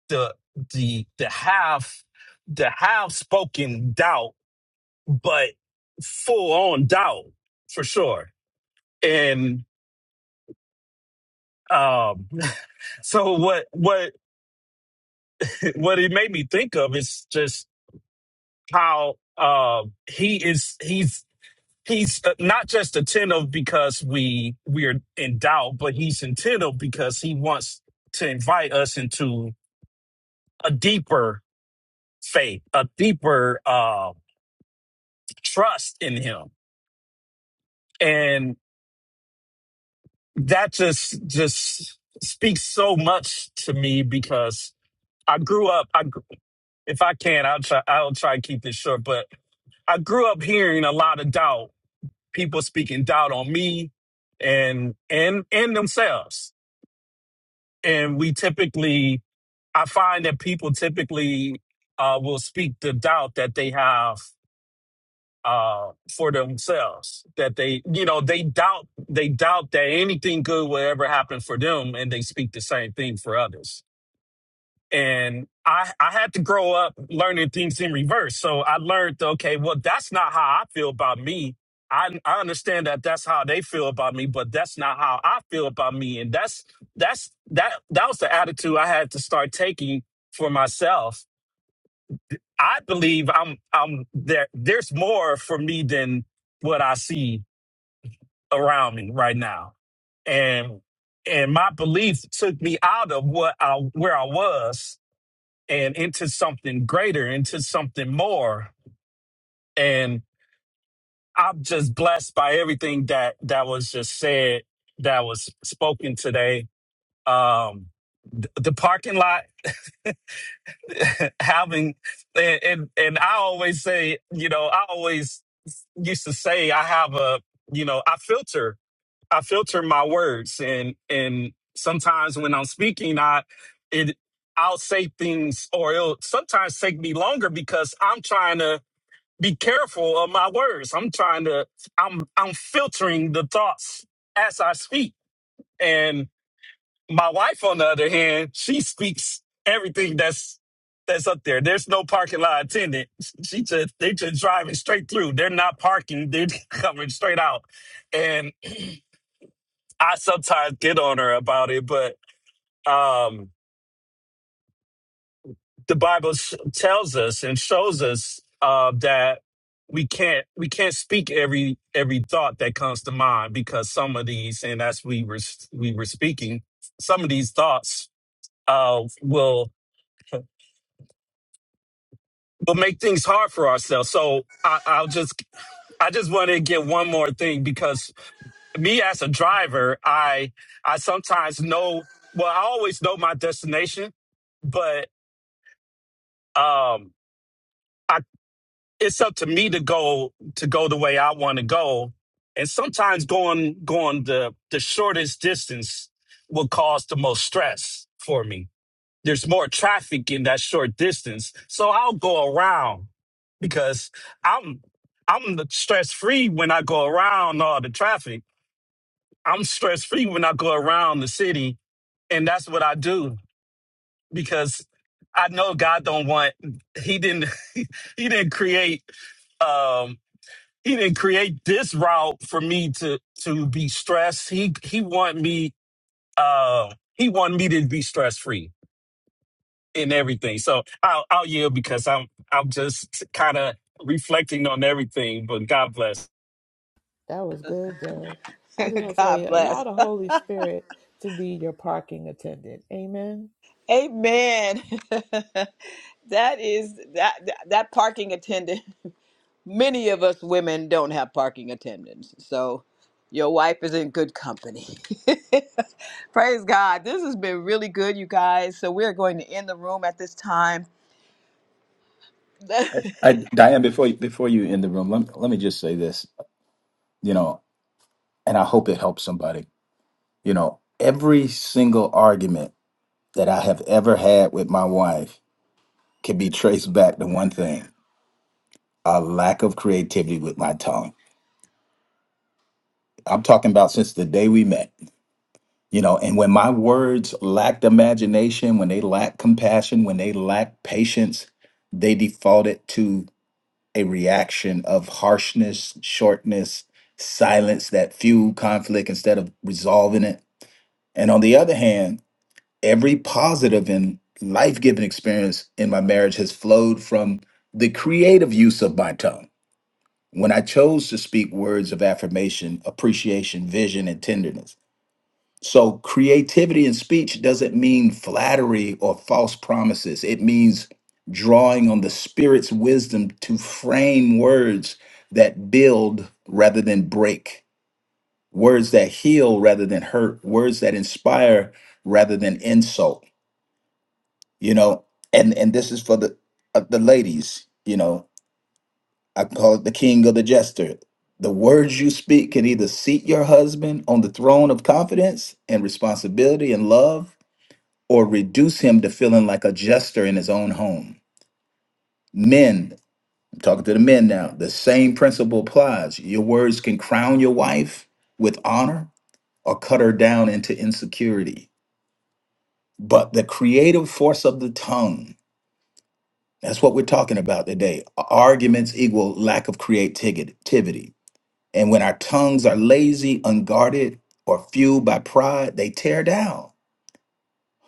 the the the half the half spoken doubt, but full on doubt for sure and um, so what what what it made me think of is just how uh, he is he's he's uh, not just attentive because we we're in doubt, but he's attentive because he wants to invite us into a deeper faith, a deeper uh, trust in him, and that just just speaks so much to me because I grew up. I gr- if I can, I'll try. I'll try to keep this short, but I grew up hearing a lot of doubt, people speaking doubt on me and and and themselves. And we typically I find that people typically uh will speak the doubt that they have uh for themselves. That they you know, they doubt they doubt that anything good will ever happen for them and they speak the same thing for others. and I I had to grow up learning things in reverse. So I learned, okay, well, that's not how I feel about me. I I understand that that's how they feel about me, but that's not how I feel about me. And that's that's that that was the attitude I had to start taking for myself. I believe I'm I'm there. There's more for me than what I see around me right now, and and my belief took me out of what I where I was and into something greater, into something more. And I'm just blessed by everything that that was just said, that was spoken today. Um, th- the parking lot [LAUGHS] having, and, and and I always say, you know, I always used to say I have a, you know, I filter, I filter my words, and and sometimes when I'm speaking, I it. I'll say things, or it'll sometimes take me longer because I'm trying to be careful of my words. I'm trying to I'm I'm filtering the thoughts as I speak. And my wife on the other hand, she speaks everything that's that's up there. There's no parking lot attendant. She just they just driving straight through. They're not parking. They're [LAUGHS] coming straight out. And I sometimes get on her about it, but um the Bible s tells us and shows us uh, that we can't we can't speak every every thought that comes to mind because some of these and as we were s- we were speaking, some of these thoughts uh, will will make things hard for ourselves. So I, I'll just I just want to get one more thing because me as a driver, I I sometimes know well I always know my destination, but um, I it's up to me to go to go the way I want to go. And sometimes going going the the shortest distance will cause the most stress for me. There's more traffic in that short distance. So I'll go around because I'm I'm stress free when I go around all the traffic. I'm stress free when I go around the city and that's what I do because I know God don't want he didn't [LAUGHS] he didn't create um he didn't create this route for me to to be stressed. He he want me uh he wanted me to be stress free in everything. So I'll I'll yield because I'm I'm just kind of reflecting on everything. But God bless.
That was good, Derek.
[LAUGHS]
I just want to
God
say allow
bless.
the Holy Spirit to be your parking attendant. Amen.
[LAUGHS] Amen. [LAUGHS] that is that that that parking attendant. [LAUGHS] Many of us women don't have parking attendants, so your wife is in good company. [LAUGHS] Praise God. This has been really good, you guys. So we're going to end the room at this time.
I, I,
[LAUGHS]
Diane, before you, before you end the room, let, let me just say this, you know, and I hope it helps somebody. You know, every single argument that I have ever had with my wife can be traced back to one thing: a lack of creativity with my tongue. I'm talking about since the day we met. You know, and when my words lacked imagination, when they lacked compassion, when they lacked patience, they defaulted to a reaction of harshness, shortness, silence that fueled conflict instead of resolving it. And on the other hand, every positive and life giving experience in my marriage has flowed from the creative use of my tongue. When I chose to speak words of affirmation, appreciation, vision, and tenderness, so creativity in speech doesn't mean flattery or false promises. It means drawing on the spirit's wisdom to frame words that build rather than break, words that heal rather than hurt, words that inspire rather than insult. You know, and and this is for the uh, the ladies, you know, I call it the king of the jester. The words you speak can either seat your husband on the throne of confidence and responsibility and love or reduce him to feeling like a jester in his own home. Men, I'm talking to the men now, the same principle applies. Your words can crown your wife with honor or cut her down into insecurity. But the creative force of the tongue, that's what we're talking about today. Arguments equal lack of creativity. And when our tongues are lazy, unguarded, or fueled by pride, they tear down.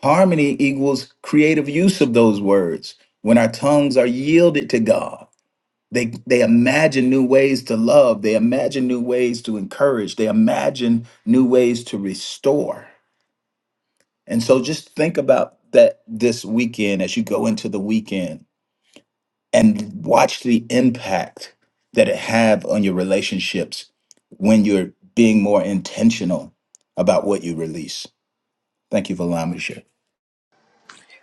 Harmony equals creative use of those words. When our tongues are yielded to God, they, they imagine new ways to love, they imagine new ways to encourage, they imagine new ways to restore. And so just think about that this weekend as you go into the weekend and watch the impact that it have on your relationships when you're being more intentional about what you release. Thank you for allowing me to share.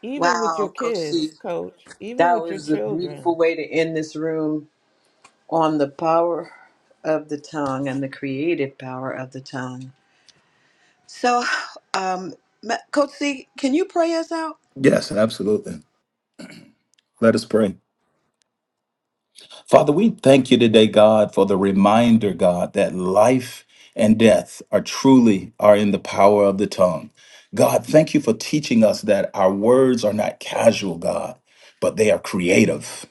Even with your
wow, Coach C.
kids, coach, even
That
with your
was a
children
beautiful way to end this room on the power of the tongue and the creative power of the tongue. So, um, Ma- Coach C, can you pray us out?
Yes, absolutely. Let us pray. Father, we thank you today, God, for the reminder, God, that life and death are truly are in the power of the tongue. God, thank you for teaching us that our words are not casual, God, but they are creative.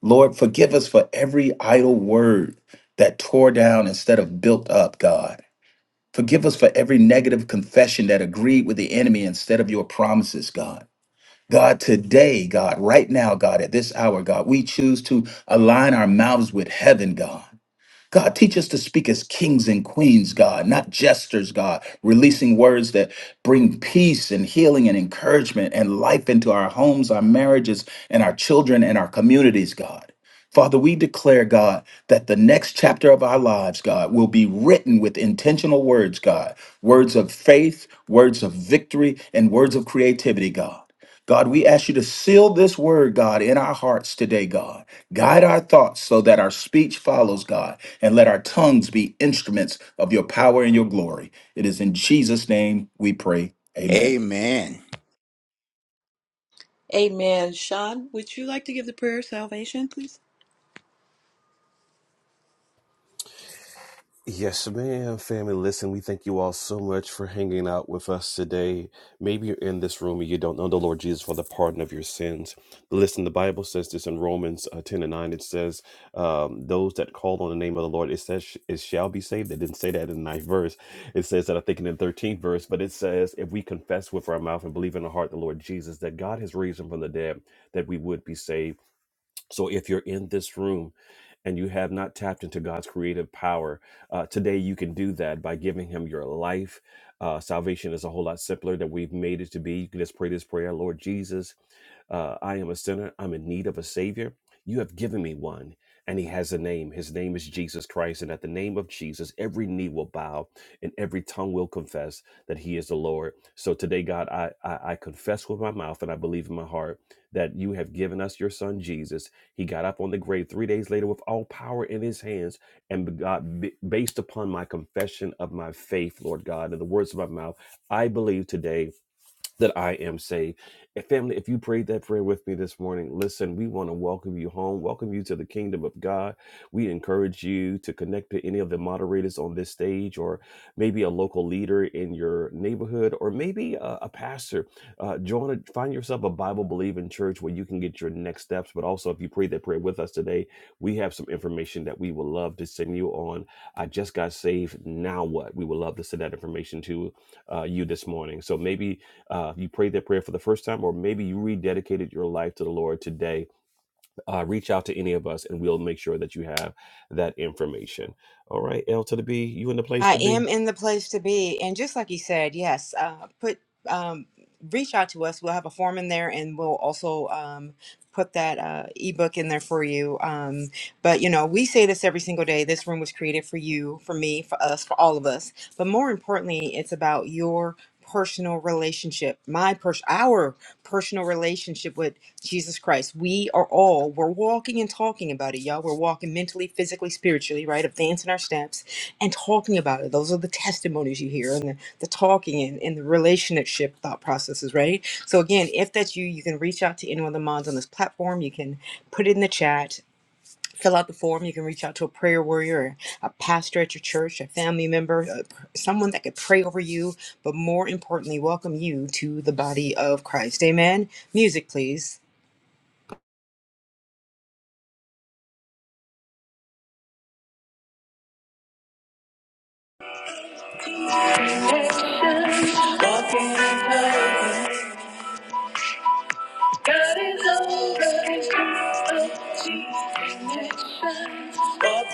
Lord, forgive us for every idle word that tore down instead of built up, God. Forgive us for every negative confession that agreed with the enemy instead of your promises, God. God, today, God, right now, God, at this hour, God, we choose to align our mouths with heaven, God. God, teach us to speak as kings and queens, God, not jesters, God, releasing words that bring peace and healing and encouragement and life into our homes, our marriages, and our children and our communities, God. Father, we declare, God, that the next chapter of our lives, God, will be written with intentional words, God, words of faith, words of victory, and words of creativity, God. God, we ask you to seal this word, God, in our hearts today, God. Guide our thoughts so that our speech follows, God, and let our tongues be instruments of your power and your glory. It is in Jesus' name we pray. Amen.
Amen.
Amen. Sean, would you like to give the prayer of salvation, please?
Yes, ma'am, family. Listen, we thank you all so much for hanging out with us today. Maybe you're in this room and you don't know the Lord Jesus for the pardon of your sins. Listen, the Bible says this in Romans uh, 10 and 9. It says, um, Those that call on the name of the Lord, it says, it shall be saved. They didn't say that in the ninth verse. It says that, I think, in the 13th verse, but it says, If we confess with our mouth and believe in our heart the Lord Jesus, that God has raised him from the dead, that we would be saved. So if you're in this room, and you have not tapped into God's creative power, uh, today you can do that by giving Him your life. Uh, salvation is a whole lot simpler than we've made it to be. You can just pray this prayer Lord Jesus. Uh, I am a sinner. I'm in need of a Savior. You have given me one. And he has a name. His name is Jesus Christ. And at the name of Jesus, every knee will bow and every tongue will confess that he is the Lord. So today, God, I, I, I confess with my mouth and I believe in my heart that you have given us your son, Jesus. He got up on the grave three days later with all power in his hands. And God, b- based upon my confession of my faith, Lord God, and the words of my mouth, I believe today that I am saved. And family, if you prayed that prayer with me this morning, listen, we want to welcome you home, welcome you to the kingdom of God. We encourage you to connect to any of the moderators on this stage, or maybe a local leader in your neighborhood, or maybe a, a pastor. Uh, join, a, find yourself a Bible believing church where you can get your next steps. But also, if you prayed that prayer with us today, we have some information that we would love to send you on. I just got saved. Now what? We would love to send that information to uh, you this morning. So maybe uh, you prayed that prayer for the first time, or maybe you rededicated your life to the Lord today, uh, reach out to any of us and we'll make sure that you have that information. All right, L to the B, you in the place
I
to
am
be?
in the place to be. And just like you said, yes, uh, put um, reach out to us. We'll have a form in there and we'll also um, put that uh, ebook in there for you. Um, but, you know, we say this every single day. This room was created for you, for me, for us, for all of us. But more importantly, it's about your personal relationship my pers- our personal relationship with jesus christ we are all we're walking and talking about it y'all we're walking mentally physically spiritually right advancing our steps and talking about it. Those are the testimonies you hear and the, the talking and, and the relationship thought processes, right? So, again, if that's you, you can reach out to any one of the mods on this platform. You can put it in the chat, fill out the form. You can reach out to a prayer warrior, or a pastor at your church, a family member, a, someone that could pray over you, but more importantly, welcome you to the body of Christ. Amen. Music, please.
Walking is over God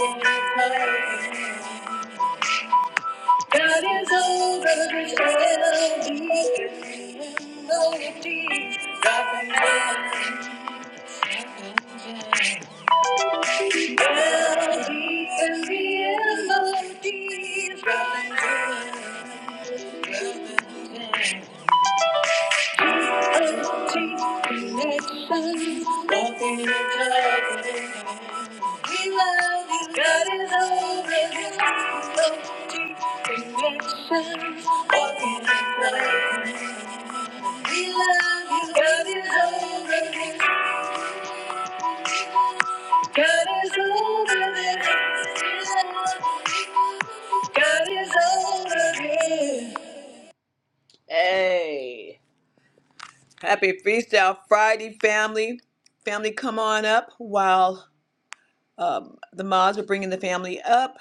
is over in every melody. Melody and the melody. Melody Walking in We love you, God is over this. So deep Connection, walking in love. We love you, God is over this. God is over this. We love you, God is over this. Hey, happy Freestyle Friday, family. Family, come on up while um, the mods are bringing the family up.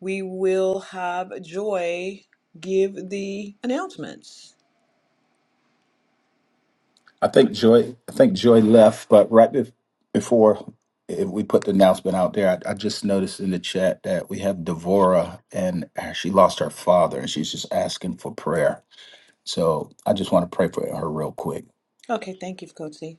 we will have Joy give the announcements.
I think Joy. I think Joy left, but right bef- before eh, we put the announcement out there, I, I just noticed in the chat that we have Devora, and uh, she lost her father, and she's just asking for prayer. So I just want to pray for her real quick.
Okay, thank you, Coach C.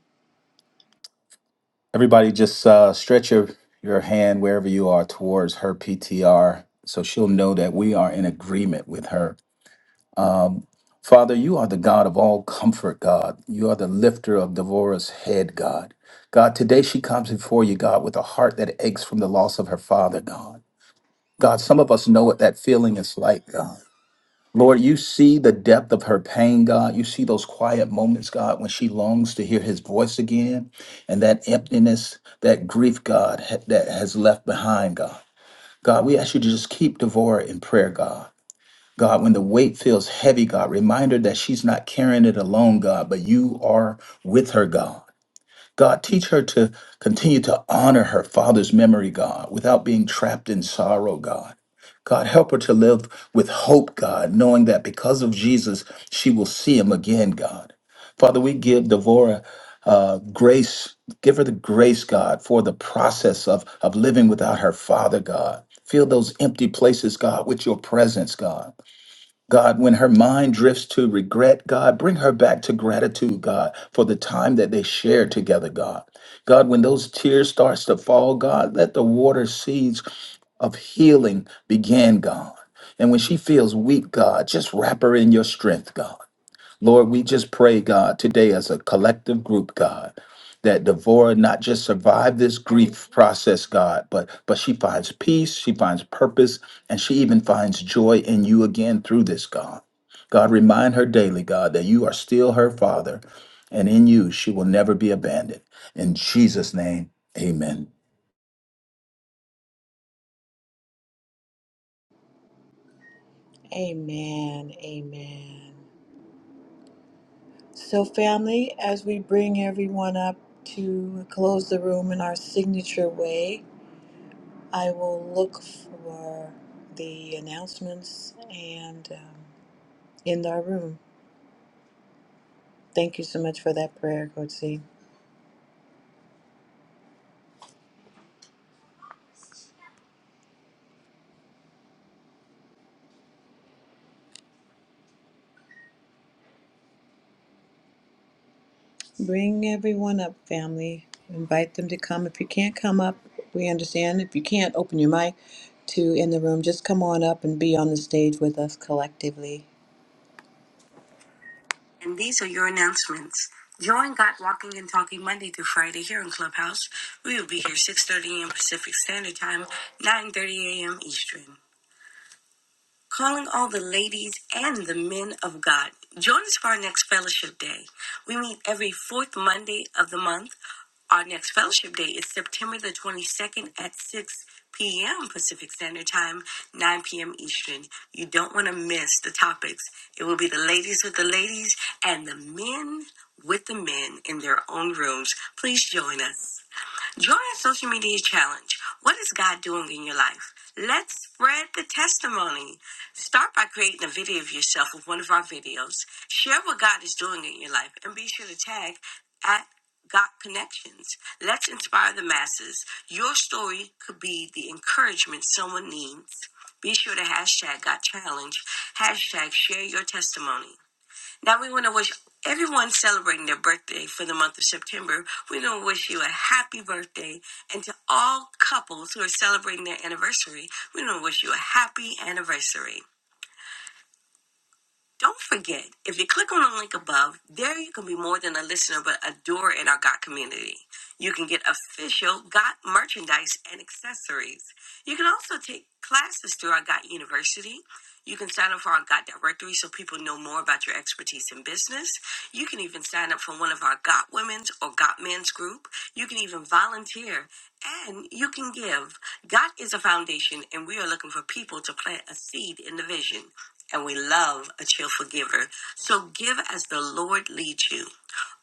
Everybody, just uh, stretch your your hand wherever you are towards her PTR, so she'll know that we are in agreement with her Um, Father, you are the God of all comfort, God. You are the lifter of Devorah's head, God. God, today she comes before you, God, with a heart that aches from the loss of her father, God. God, some of us know what that feeling is like, God. Lord, you see the depth of her pain, God. You see those quiet moments, God, when she longs to hear his voice again, and that emptiness, that grief, God, ha- that has left behind, God. God, we ask you to just keep Devorah in prayer, God. God, when the weight feels heavy, God, remind her that she's not carrying it alone, God, but you are with her, God. God, teach her to continue to honor her father's memory, God, without being trapped in sorrow, God. God, help her to live with hope, God, knowing that because of Jesus, she will see him again, God. Father, we give Devorah uh, grace. Give her the grace, God, for the process of, of living without her father, God. Fill those empty places, God, with your presence, God. God, when her mind drifts to regret, God, bring her back to gratitude, God, for the time that they shared together, God. God, when those tears starts to fall, God, let the water seeds of healing begin, God. And when she feels weak, God, just wrap her in your strength, God. Lord, we just pray, God, today as a collective group, God, that Devorah not just survive this grief process, God, but but she finds peace, she finds purpose, and she even finds joy in you again through this, God. God, remind her daily, God, that you are still her father, and in you she will never be abandoned. In Jesus' name, amen.
Amen. Amen. So, family, as we bring everyone up to close the room in our signature way, I will look for the announcements and um, end our room. Thank you so much for that prayer, Coach C. Bring everyone up, family. Invite them to come. If you can't come up, we understand. If you can't open your mic to in the room, just come on up and be on the stage with us collectively.
And these are your announcements. Join God Walking and Talking Monday through Friday here in Clubhouse. We will be here 6.30 a.m. Pacific Standard Time, 9.30 a.m. Eastern. calling all the ladies and the men of God. Join us for our next fellowship day. We meet every fourth Monday of the month. Our next fellowship day is September the 22nd at 6 p.m. Pacific Standard Time, 9 p.m. Eastern. You don't want to miss the topics. It will be the ladies with the ladies and the men with the men in their own rooms. Please join us. Join our social media challenge. What is God doing in your life? Let's spread the testimony. Start by creating a video of yourself with one of our videos. Share what God is doing in your life and be sure to tag at God Connections. Let's inspire the masses. Your story could be the encouragement someone needs. Be sure to hashtag God Challenge, hashtag share your testimony. Now we want to wish everyone celebrating their birthday for the month of September. We want to wish you a happy birthday. And to all couples who are celebrating their anniversary, we want to wish you a happy anniversary. Don't forget, if you click on the link above, there you can be more than a listener but a doer in our GOT community. You can get official GOT merchandise and accessories. You can also take classes through our GOT University. You can sign up for our GOT directory so people know more about your expertise in business. You can even sign up for one of our GOT women's or GOT men's group. You can even volunteer and you can give. GOT is a foundation and we are looking for people to plant a seed in the vision and we love a cheerful giver. So give as the Lord leads you.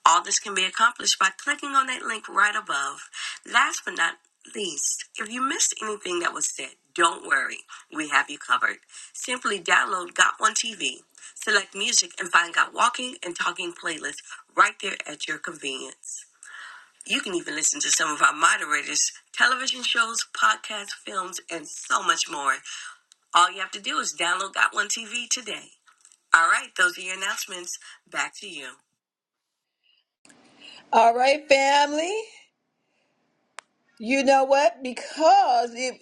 All this can be accomplished by clicking on that link right above. Last but not least, if you missed anything that was said, don't worry, we have you covered. Simply download Got One TV, select music, and find Got Walking and Talking playlists right there at your convenience. You can even listen to some of our moderators' television shows, podcasts, films, and so much more. All you have to do is download Got One TV today. All right, those are your announcements. Back to you.
All right, family. You know what? Because it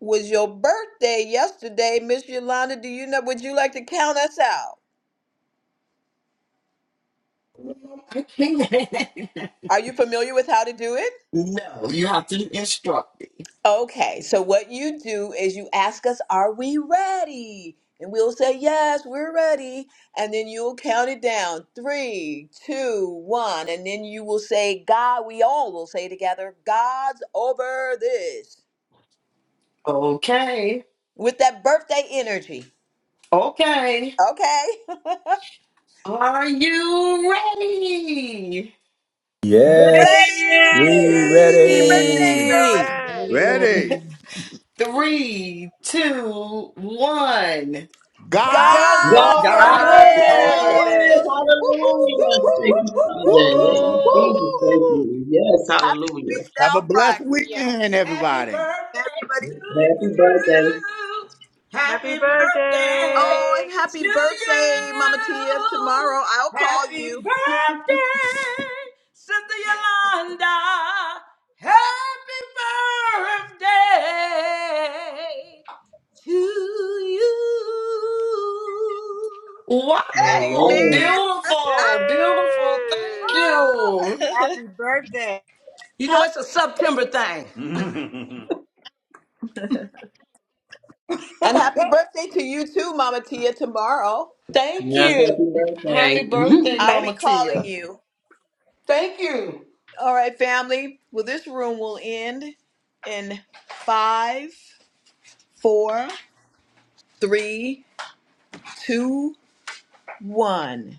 was your birthday yesterday, Miss Yolanda, do you know would you like to count us out?
[LAUGHS]
Are you familiar with how to do it?
no, you have to instruct me.
Okay, so what you do is you ask us, Are we ready? And we'll say, Yes, we're ready. And then you'll count it down three, two, one. And then you will say, God, we all will say together, God's over this
Okay.
with that birthday energy.
Okay.
Okay? [LAUGHS]
Are you ready?
Yes,
Yay!
we
Yes,
ready,
Yes,
birthday
ready.
girl.
Spirit.
Glory.
Ready.
ready.
Three, two, one.
God's
God's
God's
God
over
is
God.
over
God's
over
this.
over
there.
[LAUGHS] Whoop,
over
Hi,
whoop,
Chloe
this.
this.
this.
whoop, whoop,
Hallelujah.
Woo,
whoop.
Woo-hoo!
woo,
Thank you, Father,
woo,
in
woo,
the name of
Woo!
woo.
Jesus.
Woo!
Thank you. Yes,
Happy
hallelujah.
Have a
Freestyle
blessed
Friday.
Yeah.
weekend, everybody.
Everybody
Happy birthday.
Happy
Happy birthday
Oh, and
birthday.
happy
to
birthday, Mama Tia.
you.
Tomorrow I'll call
Happy
you.
birthday, Sister Yolanda. Happy birthday to you. Hey,
Amen.
Wow!
Amen.
Beautiful, beautiful. Thank
Yay.
Oh,
you.
[LAUGHS]
Happy birthday.
you know it's
happy
a September
birthday.
thing. Mm.
And happy birthday to you too, Mama Tia. Tomorrow
Thank
Yes,
you.
happy
Happy
birthday. [LAUGHS]
birthday,
I'll be
Thank,
Mama
calling
Tia.
you.
thank you.
All right, family. Well, this room will end in five, four, three, two, one.